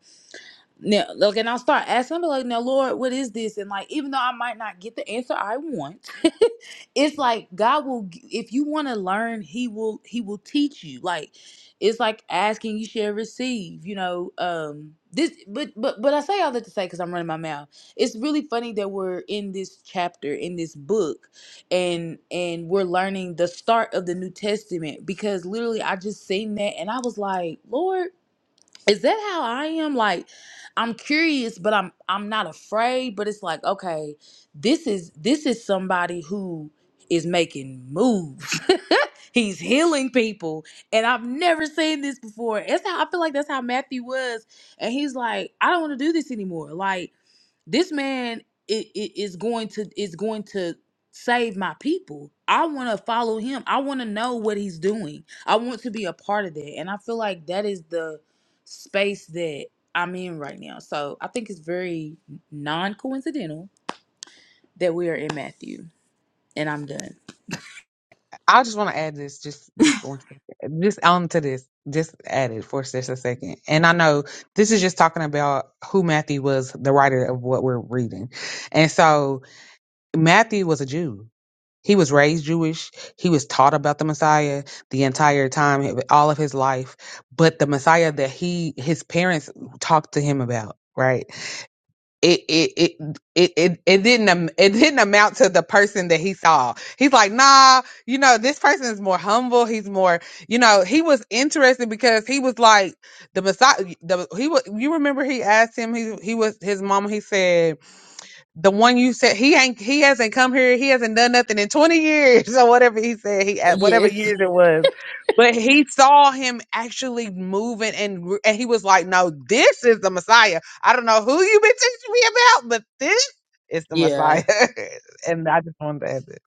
[SPEAKER 3] now, look, and I'll start asking, I'll be like, now, Lord, what is this? And like, even though I might not get the answer I want, it's like God will, g- if you want to learn, He will, He will teach you. Like, it's like asking, you shall receive, you know. Um, this, but, but, but I say all that to say, because I'm running my mouth. It's really funny that we're in this chapter, in this book, and, and we're learning the start of the New Testament because literally I just seen that and I was like, Lord, is that how I am? Like, I'm curious, but I'm I'm not afraid. But it's like, okay, this is this is somebody who is making moves. He's healing people, and I've never seen this before. That's how I feel like that's how Matthew was, and he's like, I don't want to do this anymore. Like this man i- i- is going to is going to save my people i want to follow him i want to know what he's doing i want to be a part of that and i feel like that is the space that i'm in right now so i think it's very non-coincidental that we are in matthew and i'm done
[SPEAKER 2] I just want to add this, just just one second, just onto this, just add it for just a second. And I know this is just talking about who Matthew was, the writer of what we're reading, and so Matthew was a Jew. He was raised Jewish. He was taught about the Messiah the entire time, all of his life. But the Messiah that he his parents talked to him about, right? it it it it it, it didn't am- it didn't amount to the person that he saw. He's like, nah, you know, this person is more humble. He's more, you know, he was interested because he was like the Messiah. The he was. You remember he asked him. He he was his mama. He said the one you said he ain't he hasn't come here he hasn't done nothing in 20 years or whatever he said he at whatever
[SPEAKER 3] Yes.
[SPEAKER 2] years it was but he saw him actually moving and gr- and he was like no this is the messiah i don't know who you been teaching me about but this is the
[SPEAKER 3] yeah
[SPEAKER 2] messiah and i just wanted to add it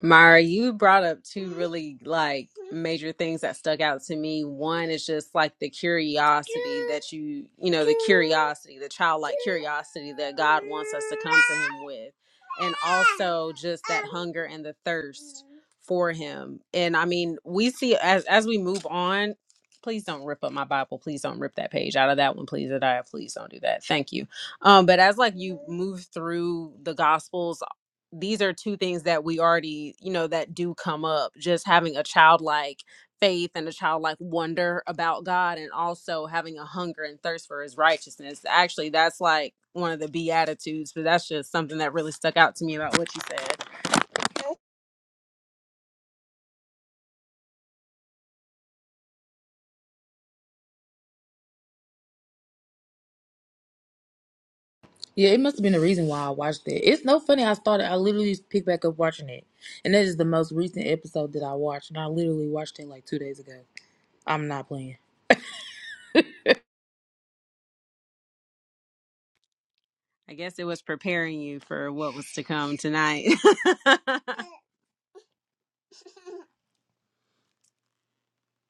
[SPEAKER 1] Myra, you brought up two really like major things that stuck out to me. One is just like the curiosity that you, you know, the curiosity, the childlike curiosity that God wants us to come to Him with. And also just that hunger and the thirst for Him. And I mean, we see as as we move on, please don't rip up my Bible. Please don't rip that page out of that one, please. Adiah, please don't do that. Thank you. Um, but as like you move through the gospels these are two things that we already you know that do come up just having a childlike faith and a childlike wonder about god and also having a hunger and thirst for his righteousness actually that's like one of the beatitudes but that's just something that really stuck out to me about what you said
[SPEAKER 3] yeah it must have been the reason why i watched that it's no funny i started i literally just picked back up watching it and that is the most recent episode that i watched and i literally watched it like two days ago i'm not playing
[SPEAKER 1] i guess it was preparing you for what was to come tonight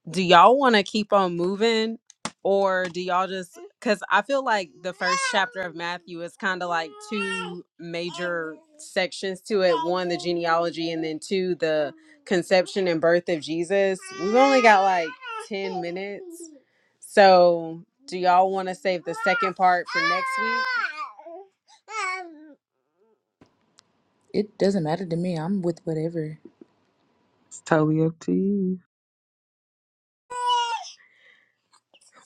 [SPEAKER 1] do y'all want to keep on moving or do y'all just because i feel like the first chapter of matthew is kind of like two major sections to it one the genealogy and then two the conception and birth of jesus we've only got like 10 minutes so do y'all want to save the second part for next week
[SPEAKER 3] It doesn't matter to me. I'm with whatever.
[SPEAKER 2] It's totally up to you.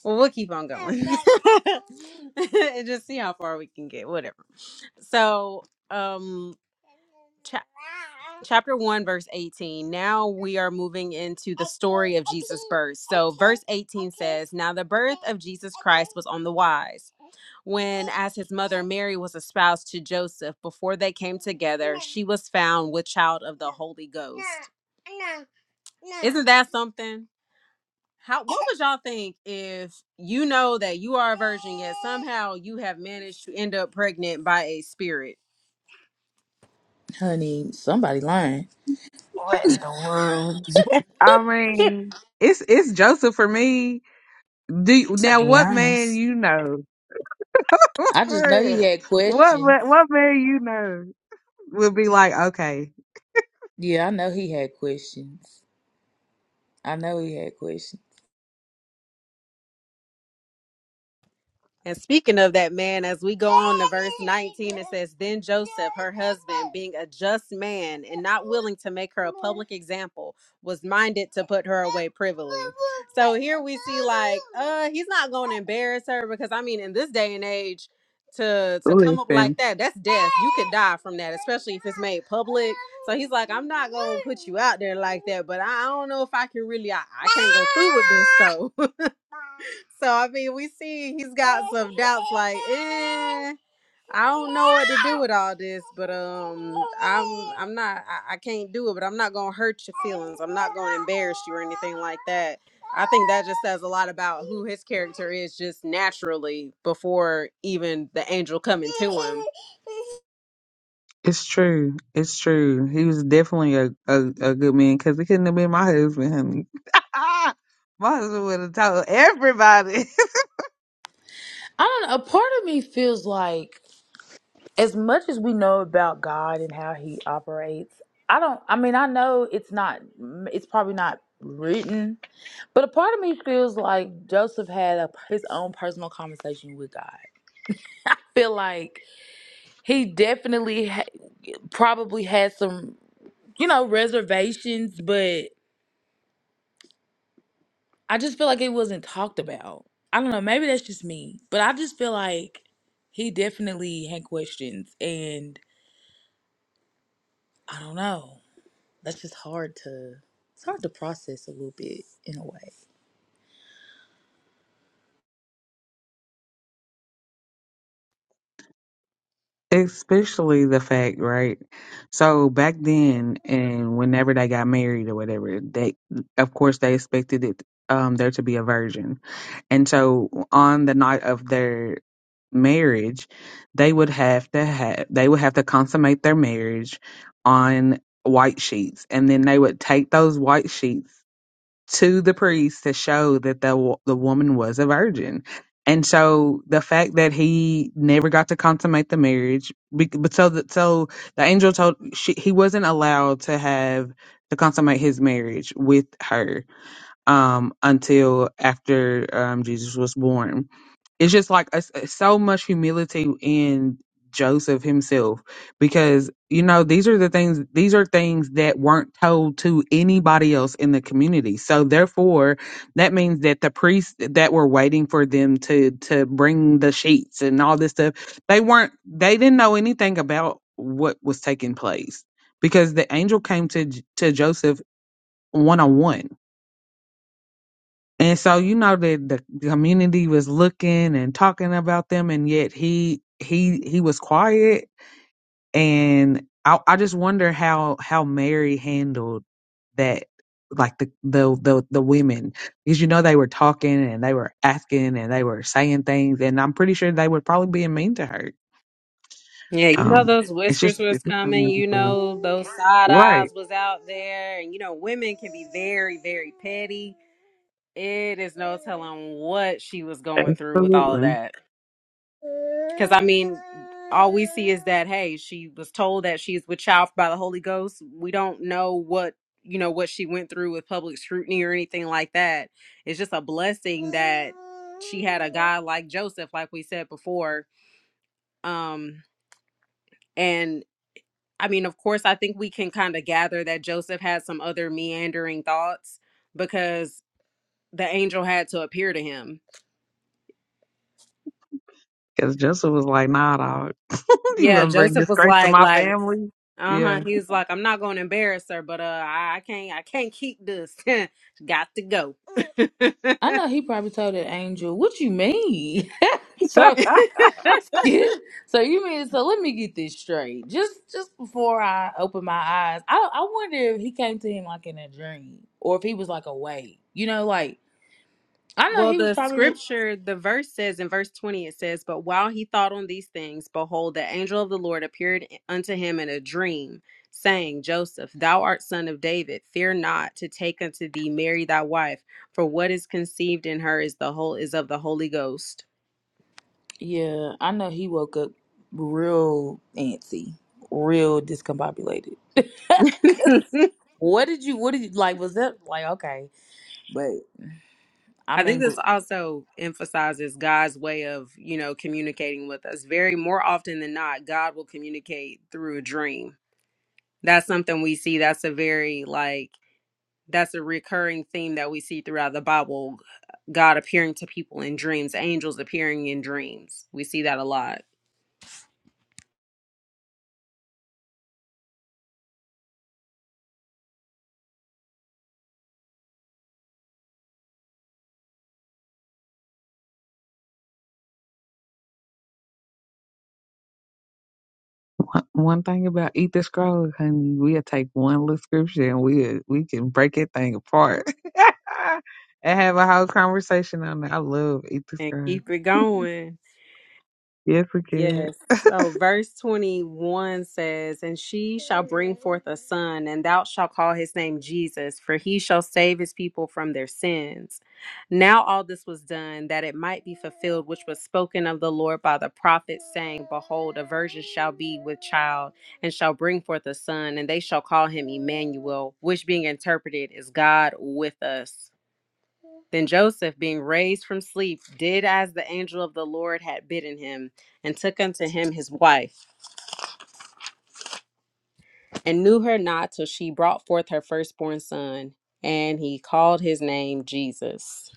[SPEAKER 1] well we'll keep on going and just see how far we can get whatever So, um, cha- chapter 1, verse 18. Now we are moving into the story of Jesus' birth. So, verse 18 says, Now the birth of Jesus Christ was on the wise. When, as his mother Mary was espoused to Joseph, before they came together, she was found with child of the Holy Ghost. Isn't that something? How what would y'all think if you know that you are a virgin yet somehow you have managed to end up pregnant by a spirit?
[SPEAKER 3] Honey, somebody lying.
[SPEAKER 4] What in the world?
[SPEAKER 2] i mean it's it's joseph for me do you-
[SPEAKER 4] To
[SPEAKER 2] now
[SPEAKER 4] be
[SPEAKER 2] what man
[SPEAKER 4] honest,
[SPEAKER 2] you know
[SPEAKER 3] I just know he
[SPEAKER 2] what
[SPEAKER 3] had questions.
[SPEAKER 2] ma- what man you know would be like okay
[SPEAKER 3] Yeah, I know he had questions. I know he had questions.
[SPEAKER 1] And speaking of that man, as we go on to verse 19, it says, Then Joseph, her husband, being a just man and not willing to make her a public example, was minded to put her away privily. So here we see, like, uh, he's not going to embarrass her because, I mean, in this day and age, to to come up
[SPEAKER 2] Listen,
[SPEAKER 1] like that, that's death. You could die from that, especially if it's made public. So he's like, I'm not gonna put you out there like that, but I, I don't know if I can really, I, I can't go through with this though. So I mean, we see he's got some doubts, like, eh, I don't know what to do with all this, but um, I'm I'm not I, I can't do it, but I'm not gonna hurt your feelings. I'm not gonna embarrass you or anything like that. I think that just says a lot about who his character is, just naturally before even the angel coming to him.
[SPEAKER 2] it's true. It's true. He was definitely a, a, a good man because he couldn't have been my husband, honey. my husband would have told everybody.
[SPEAKER 3] I don't know. A part of me feels like, as much as we know about God and how he operates, I don't, I mean, I know it's not, it's probably not written, but a part of me feels like Joseph had a, his own personal conversation with God. I feel like he definitely ha- probably had some. you know, reservations, but I just feel like it wasn't talked about. I don't know, maybe that's just me, but I just feel like he definitely had questions and I don't know. That's just hard to it's hard to process a little bit in a way.
[SPEAKER 2] Especially the fact, right? So back then, and whenever they got married or whatever, they, of course, they expected it, um, there to be a virgin. And so on the night of their marriage, they would have to have they would have to consummate their marriage on white sheets, and then they would take those white sheets to the priest to show that the wo- the woman was a virgin. And so the fact that he never got to consummate the marriage, bec- but so that so the angel told she, he wasn't allowed to have to consummate his marriage with her um, until after um, Jesus was born it's just like a, a- so much humility in Joseph himself because you know these are the things these are things that weren't told to anybody else in the community so therefore that means that the priests that were waiting for them to to bring the sheets and all this stuff they weren't they didn't know anything about what was taking place because the angel came to J- to Joseph one on one and so you know that the community was looking and talking about them and yet he he he was quiet and I I just wonder how how Mary handled that like the the the, the women because you know they were talking and they were asking and they were saying things and I'm pretty sure they were probably being mean to her.
[SPEAKER 1] Yeah, you know
[SPEAKER 2] Um
[SPEAKER 1] those
[SPEAKER 2] it's
[SPEAKER 1] whispers
[SPEAKER 2] just
[SPEAKER 1] was
[SPEAKER 2] it's just
[SPEAKER 1] coming, you
[SPEAKER 2] unnecessary.
[SPEAKER 1] know, those side eyes
[SPEAKER 2] Right.
[SPEAKER 1] was out there, and you know, women can be very, very petty It is no telling what she was going through with all of
[SPEAKER 2] Absolutely.
[SPEAKER 1] that. Because, I mean, all we see is that, hey, she was told that she's with child by the Holy Ghost. We don't know what, you know, what she went through with public scrutiny or anything like that. It's just a blessing that she had a guy like Joseph, like we said before. Um, and I mean, of course, I think we can kind of gather that Joseph had some other meandering thoughts because the angel had to appear to him
[SPEAKER 2] Because Joseph was like, nah dog. you
[SPEAKER 1] Yeah,
[SPEAKER 2] gonna bring
[SPEAKER 1] Joseph was
[SPEAKER 2] disgrace to
[SPEAKER 1] like,
[SPEAKER 2] my
[SPEAKER 1] like,
[SPEAKER 2] family.
[SPEAKER 1] uh huh.
[SPEAKER 2] Yeah.
[SPEAKER 1] He was like, I'm not going to embarrass her, but uh, I I can't, I can't keep this. Got to go.
[SPEAKER 3] I know he probably told that angel, "What you mean?" so, you, so you mean so? Let me get this straight. Just, just before I open my eyes, I, I wonder if he came to him like in a dream or if he was like awake. You know, like I know
[SPEAKER 1] Well,
[SPEAKER 3] he was
[SPEAKER 1] the
[SPEAKER 3] probably.
[SPEAKER 1] scripture, the verse says in verse 20, it says, But while he thought on these things, behold, the angel of the Lord appeared unto him in a dream, saying, Joseph, thou art son of David, fear not to take unto thee Mary thy wife, for what is conceived in her is the whole is of the Holy Ghost.
[SPEAKER 3] Yeah, I know he woke up real antsy, real discombobulated. what did you? What did you like? Was that like okay? But I
[SPEAKER 1] I think
[SPEAKER 3] mean, gr-
[SPEAKER 1] this also emphasizes God's way of, you know, communicating with us. Very more often than not, God will communicate through a dream. That's something we see. That's a very like that's a recurring theme that we see throughout the Bible. God appearing to people in dreams, angels appearing in dreams. We see that a lot.
[SPEAKER 2] One, one thing about Eat the Scroll, honey, we'll take one little scripture and we we can break that thing apart and have a whole conversation on it. I love Eat the
[SPEAKER 1] And
[SPEAKER 2] Scroll.
[SPEAKER 1] keep it going.
[SPEAKER 2] Yes, we can.
[SPEAKER 1] Yes. So verse 21 says, And she shall bring forth a son, and thou shalt call his name Jesus, for he shall save his people from their sins. Now all this was done that it might be fulfilled, which was spoken of the Lord by the prophet, saying, Behold, a virgin shall be with child, and shall bring forth a son, and they shall call him Emmanuel, which being interpreted is God with us. Then Joseph, being raised from sleep, did as the angel of the Lord had bidden him, and took unto him his wife, and knew her not till she brought forth her firstborn son, and he called his name Jesus.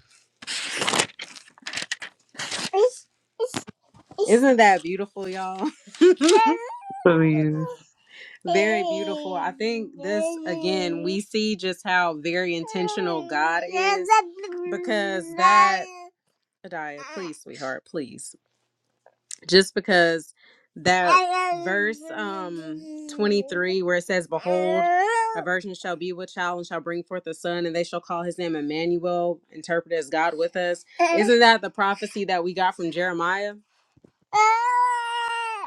[SPEAKER 1] Isn't that beautiful, y'all?
[SPEAKER 2] Please.
[SPEAKER 1] very beautiful. I think this again, we see just how very intentional God is because that. Adiah, please, sweetheart, please. just because that verse um 23 where it says behold a virgin shall be with child and shall bring forth a son and they shall call his name emmanuel interpreted as god with us isn't that the prophecy that we got from jeremiah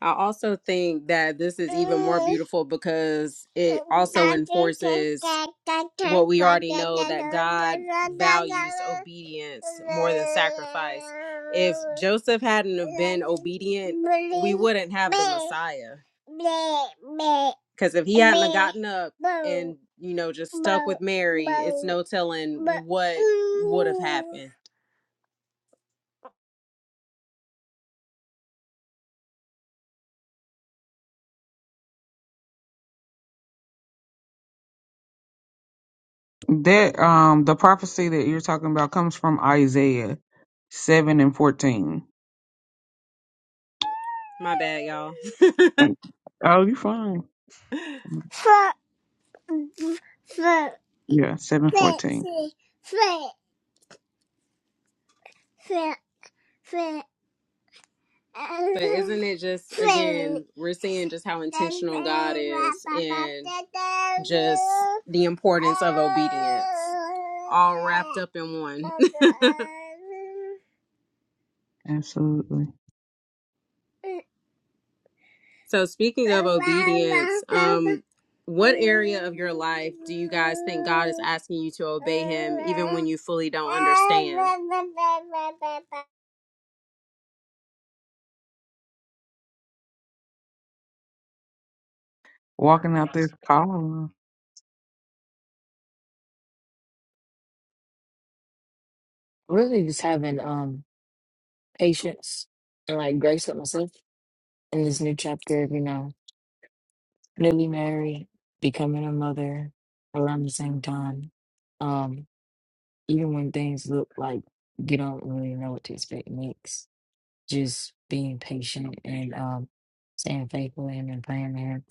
[SPEAKER 1] I also think that this is even more beautiful because it also enforces what we already know that God values obedience more than sacrifice. If Joseph hadn't have been obedient, we wouldn't have the Messiah. Because if he hadn't have gotten up and you know just stuck with Mary, it's no telling what would have happened.
[SPEAKER 2] That um the prophecy that you're talking about comes from Isaiah seven and fourteen.
[SPEAKER 1] My bad,
[SPEAKER 2] Oh, you fine.
[SPEAKER 1] y'all.
[SPEAKER 2] Yeah, seven fourteen.
[SPEAKER 1] But isn't it just again we're seeing just how intentional God is and just the importance of obedience all wrapped up in one.
[SPEAKER 2] Absolutely.
[SPEAKER 1] so speaking of obedience, um what area of your life do you guys think God is asking you to obey him even when you fully don't understand?
[SPEAKER 2] Walking out this call.
[SPEAKER 4] really just having um patience and like grace with myself in this new chapter of you know newly married becoming a mother around the same time um even when things look like you don't really know what to expect next just being patient and um, staying faithful to Him and praying to Him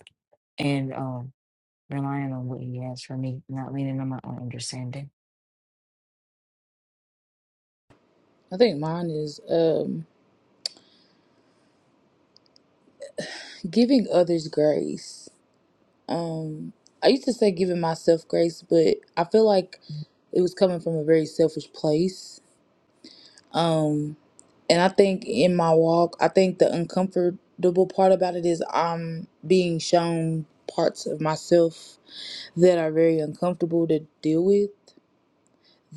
[SPEAKER 4] and um, relying on what He has for me, not leaning on my own understanding.
[SPEAKER 3] I think mine is um giving others grace. I used to say giving myself grace, but I feel like it was coming from a very selfish place. And I think in my walk, I think the uncomfortable part about it is I'm being shown parts of myself that are very uncomfortable to deal with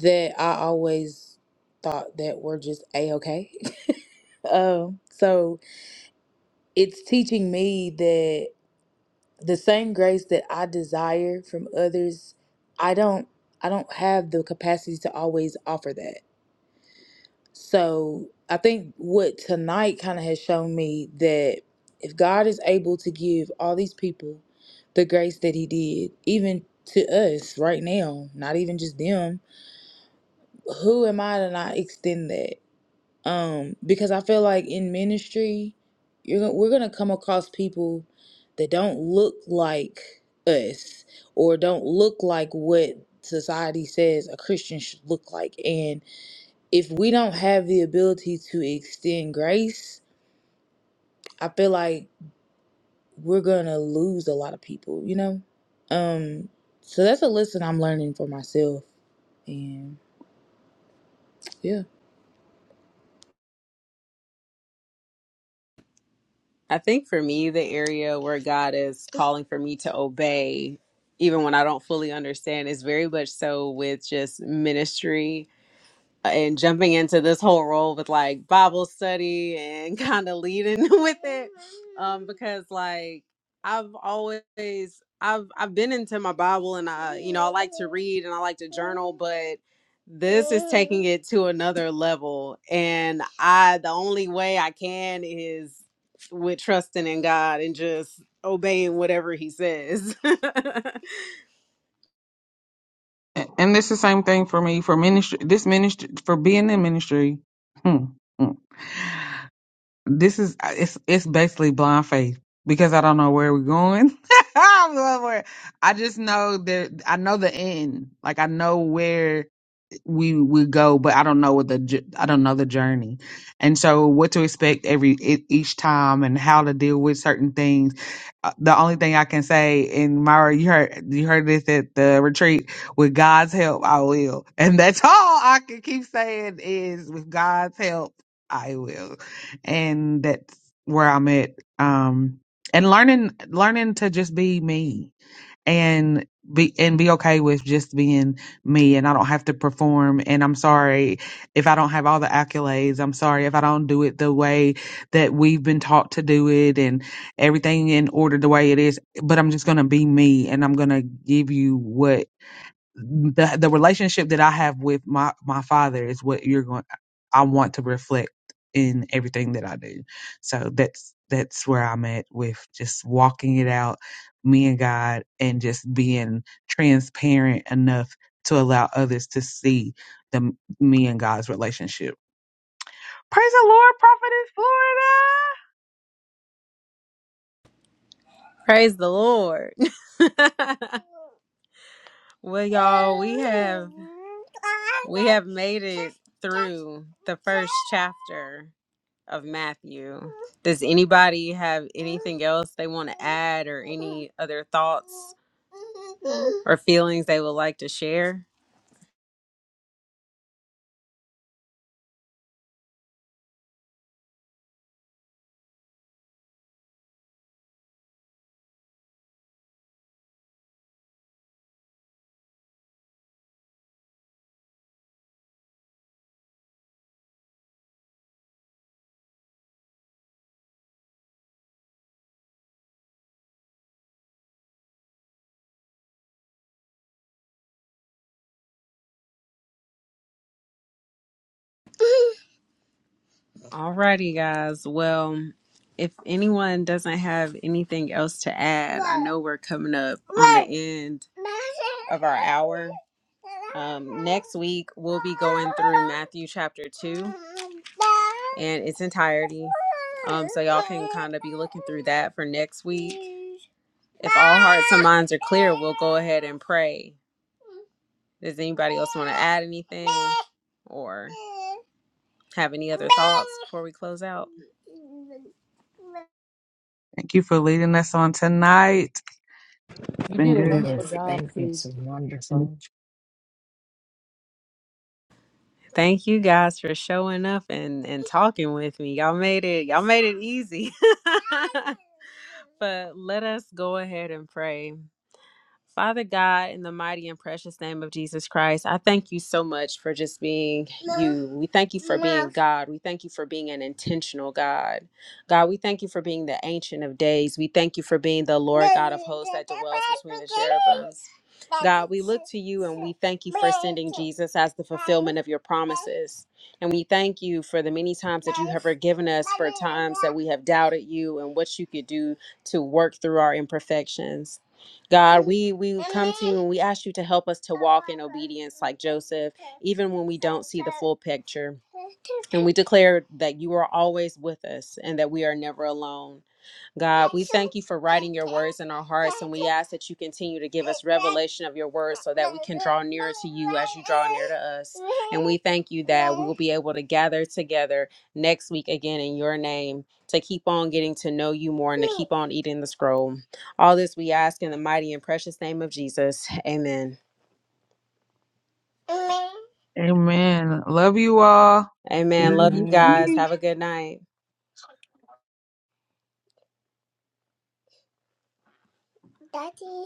[SPEAKER 3] that I always thought that were just a okay. um, so it's teaching me that the same grace that I desire from others, I don't I don't have the capacity to always offer that. So I think what tonight kind of has shown me that if God is able to give all these people the grace that he did, even to us right now, not even just them, who am I to not extend that? Um, because I feel like in ministry, you're gon- we're gonna come across people that don't look like us or don't look like what society says a Christian should look like. And if we don't have the ability to extend grace, I feel like we're gonna lose a lot of people, you know? Um, so that's a lesson I'm learning for myself. And yeah.
[SPEAKER 1] I think for me, the area where God is calling for me to obey, even when I don't fully understand, is very much so with just ministry and jumping into this whole role with like Bible study and kind of leading with it um because like I've always I've I've been into my Bible and I you know I like to read and I like to journal but this is taking it to another level and I the only way I can is with trusting in God and just obeying whatever he says.
[SPEAKER 2] A- And this the same thing for me for ministry. This ministry for being in ministry. Hmm. hmm. this is uh, it's it's basically blind faith because I don't know where we're going. I don't know where- I just know that I know the end. Like I know where we would go, but I don't know what the j- I don't know the journey, and so what to expect every e- each time and how to deal with certain things. Uh, The only thing I can say, and Myra, you heard you heard this at the retreat. With God's help, I will, and that's all I can keep saying is with God's help, I will, and that's where I'm at. Um, and learning learning to just be me and be and be okay with just being me and I don't have to perform and I'm sorry if I don't have all the accolades. I'm sorry if I don't do it the way that we've been taught to do it and everything in order the way it is, but I'm just going to be me and I'm going to give you what the the relationship that I have with my my father is what you're going I want to reflect in everything that I do. So that's that's where I'm at with just walking it out me and God and just being transparent enough to allow others to see the me and God's relationship. Praise the Lord, Prophetess Florida.
[SPEAKER 1] Praise the Lord. Well, y'all, we have we have made it through the first chapter of Matthew. Does anybody have anything else they want to add or any other thoughts or feelings they would like to share? Alrighty, guys. Well, if anyone doesn't have anything else to add, I know we're coming up on the end of our hour. Um, next week, we'll be going through Matthew chapter 2 and its entirety. Um, so y'all can kind of be looking through that for next week. If all hearts and minds are clear, we'll go ahead and pray. Does anybody else want to add anything? Or. Have any other thoughts before we close out?
[SPEAKER 2] Thank you for leading us on tonight. It's
[SPEAKER 3] You
[SPEAKER 2] been
[SPEAKER 3] did a
[SPEAKER 2] good.
[SPEAKER 3] wonderful
[SPEAKER 4] Yes,
[SPEAKER 3] job,
[SPEAKER 4] thank you.
[SPEAKER 3] sis.
[SPEAKER 4] This is wonderful.
[SPEAKER 1] Thank you guys for showing up and and talking with me. Y'all made it. Y'all made it easy. but let us go ahead and pray. Father God, in the mighty and precious name of Jesus Christ, I thank you so much for just being you. We thank you for being God. We thank you for being an intentional God. God, we thank you for being the Ancient of Days. We thank you for being the Lord God of hosts that dwells between the cherubims. God, we look to you and we thank you for sending Jesus as the fulfillment of your promises. And we thank you for the many times that you have forgiven us for times that we have doubted you and what you could do to work through our imperfections. God, we we come to you and we ask you to help us to walk in obedience like Joseph, even when we don't see the full picture. And we declare that you are always with us and that we are never alone. God, we thank you for writing your words in our hearts, and we ask that you continue to give us revelation of your words so that we can draw nearer to you as you draw near to us. And we thank you that we will be able to gather together next week again in your name to keep on getting to know you more and to keep on eating the scroll. All this we ask in the mighty and precious name of Jesus. Amen. Amen.
[SPEAKER 2] Amen. Love you all. See
[SPEAKER 1] Amen.
[SPEAKER 2] you
[SPEAKER 1] Love you
[SPEAKER 2] next
[SPEAKER 4] Amen.
[SPEAKER 1] guys.
[SPEAKER 2] week.
[SPEAKER 1] Have a good night. Daddy.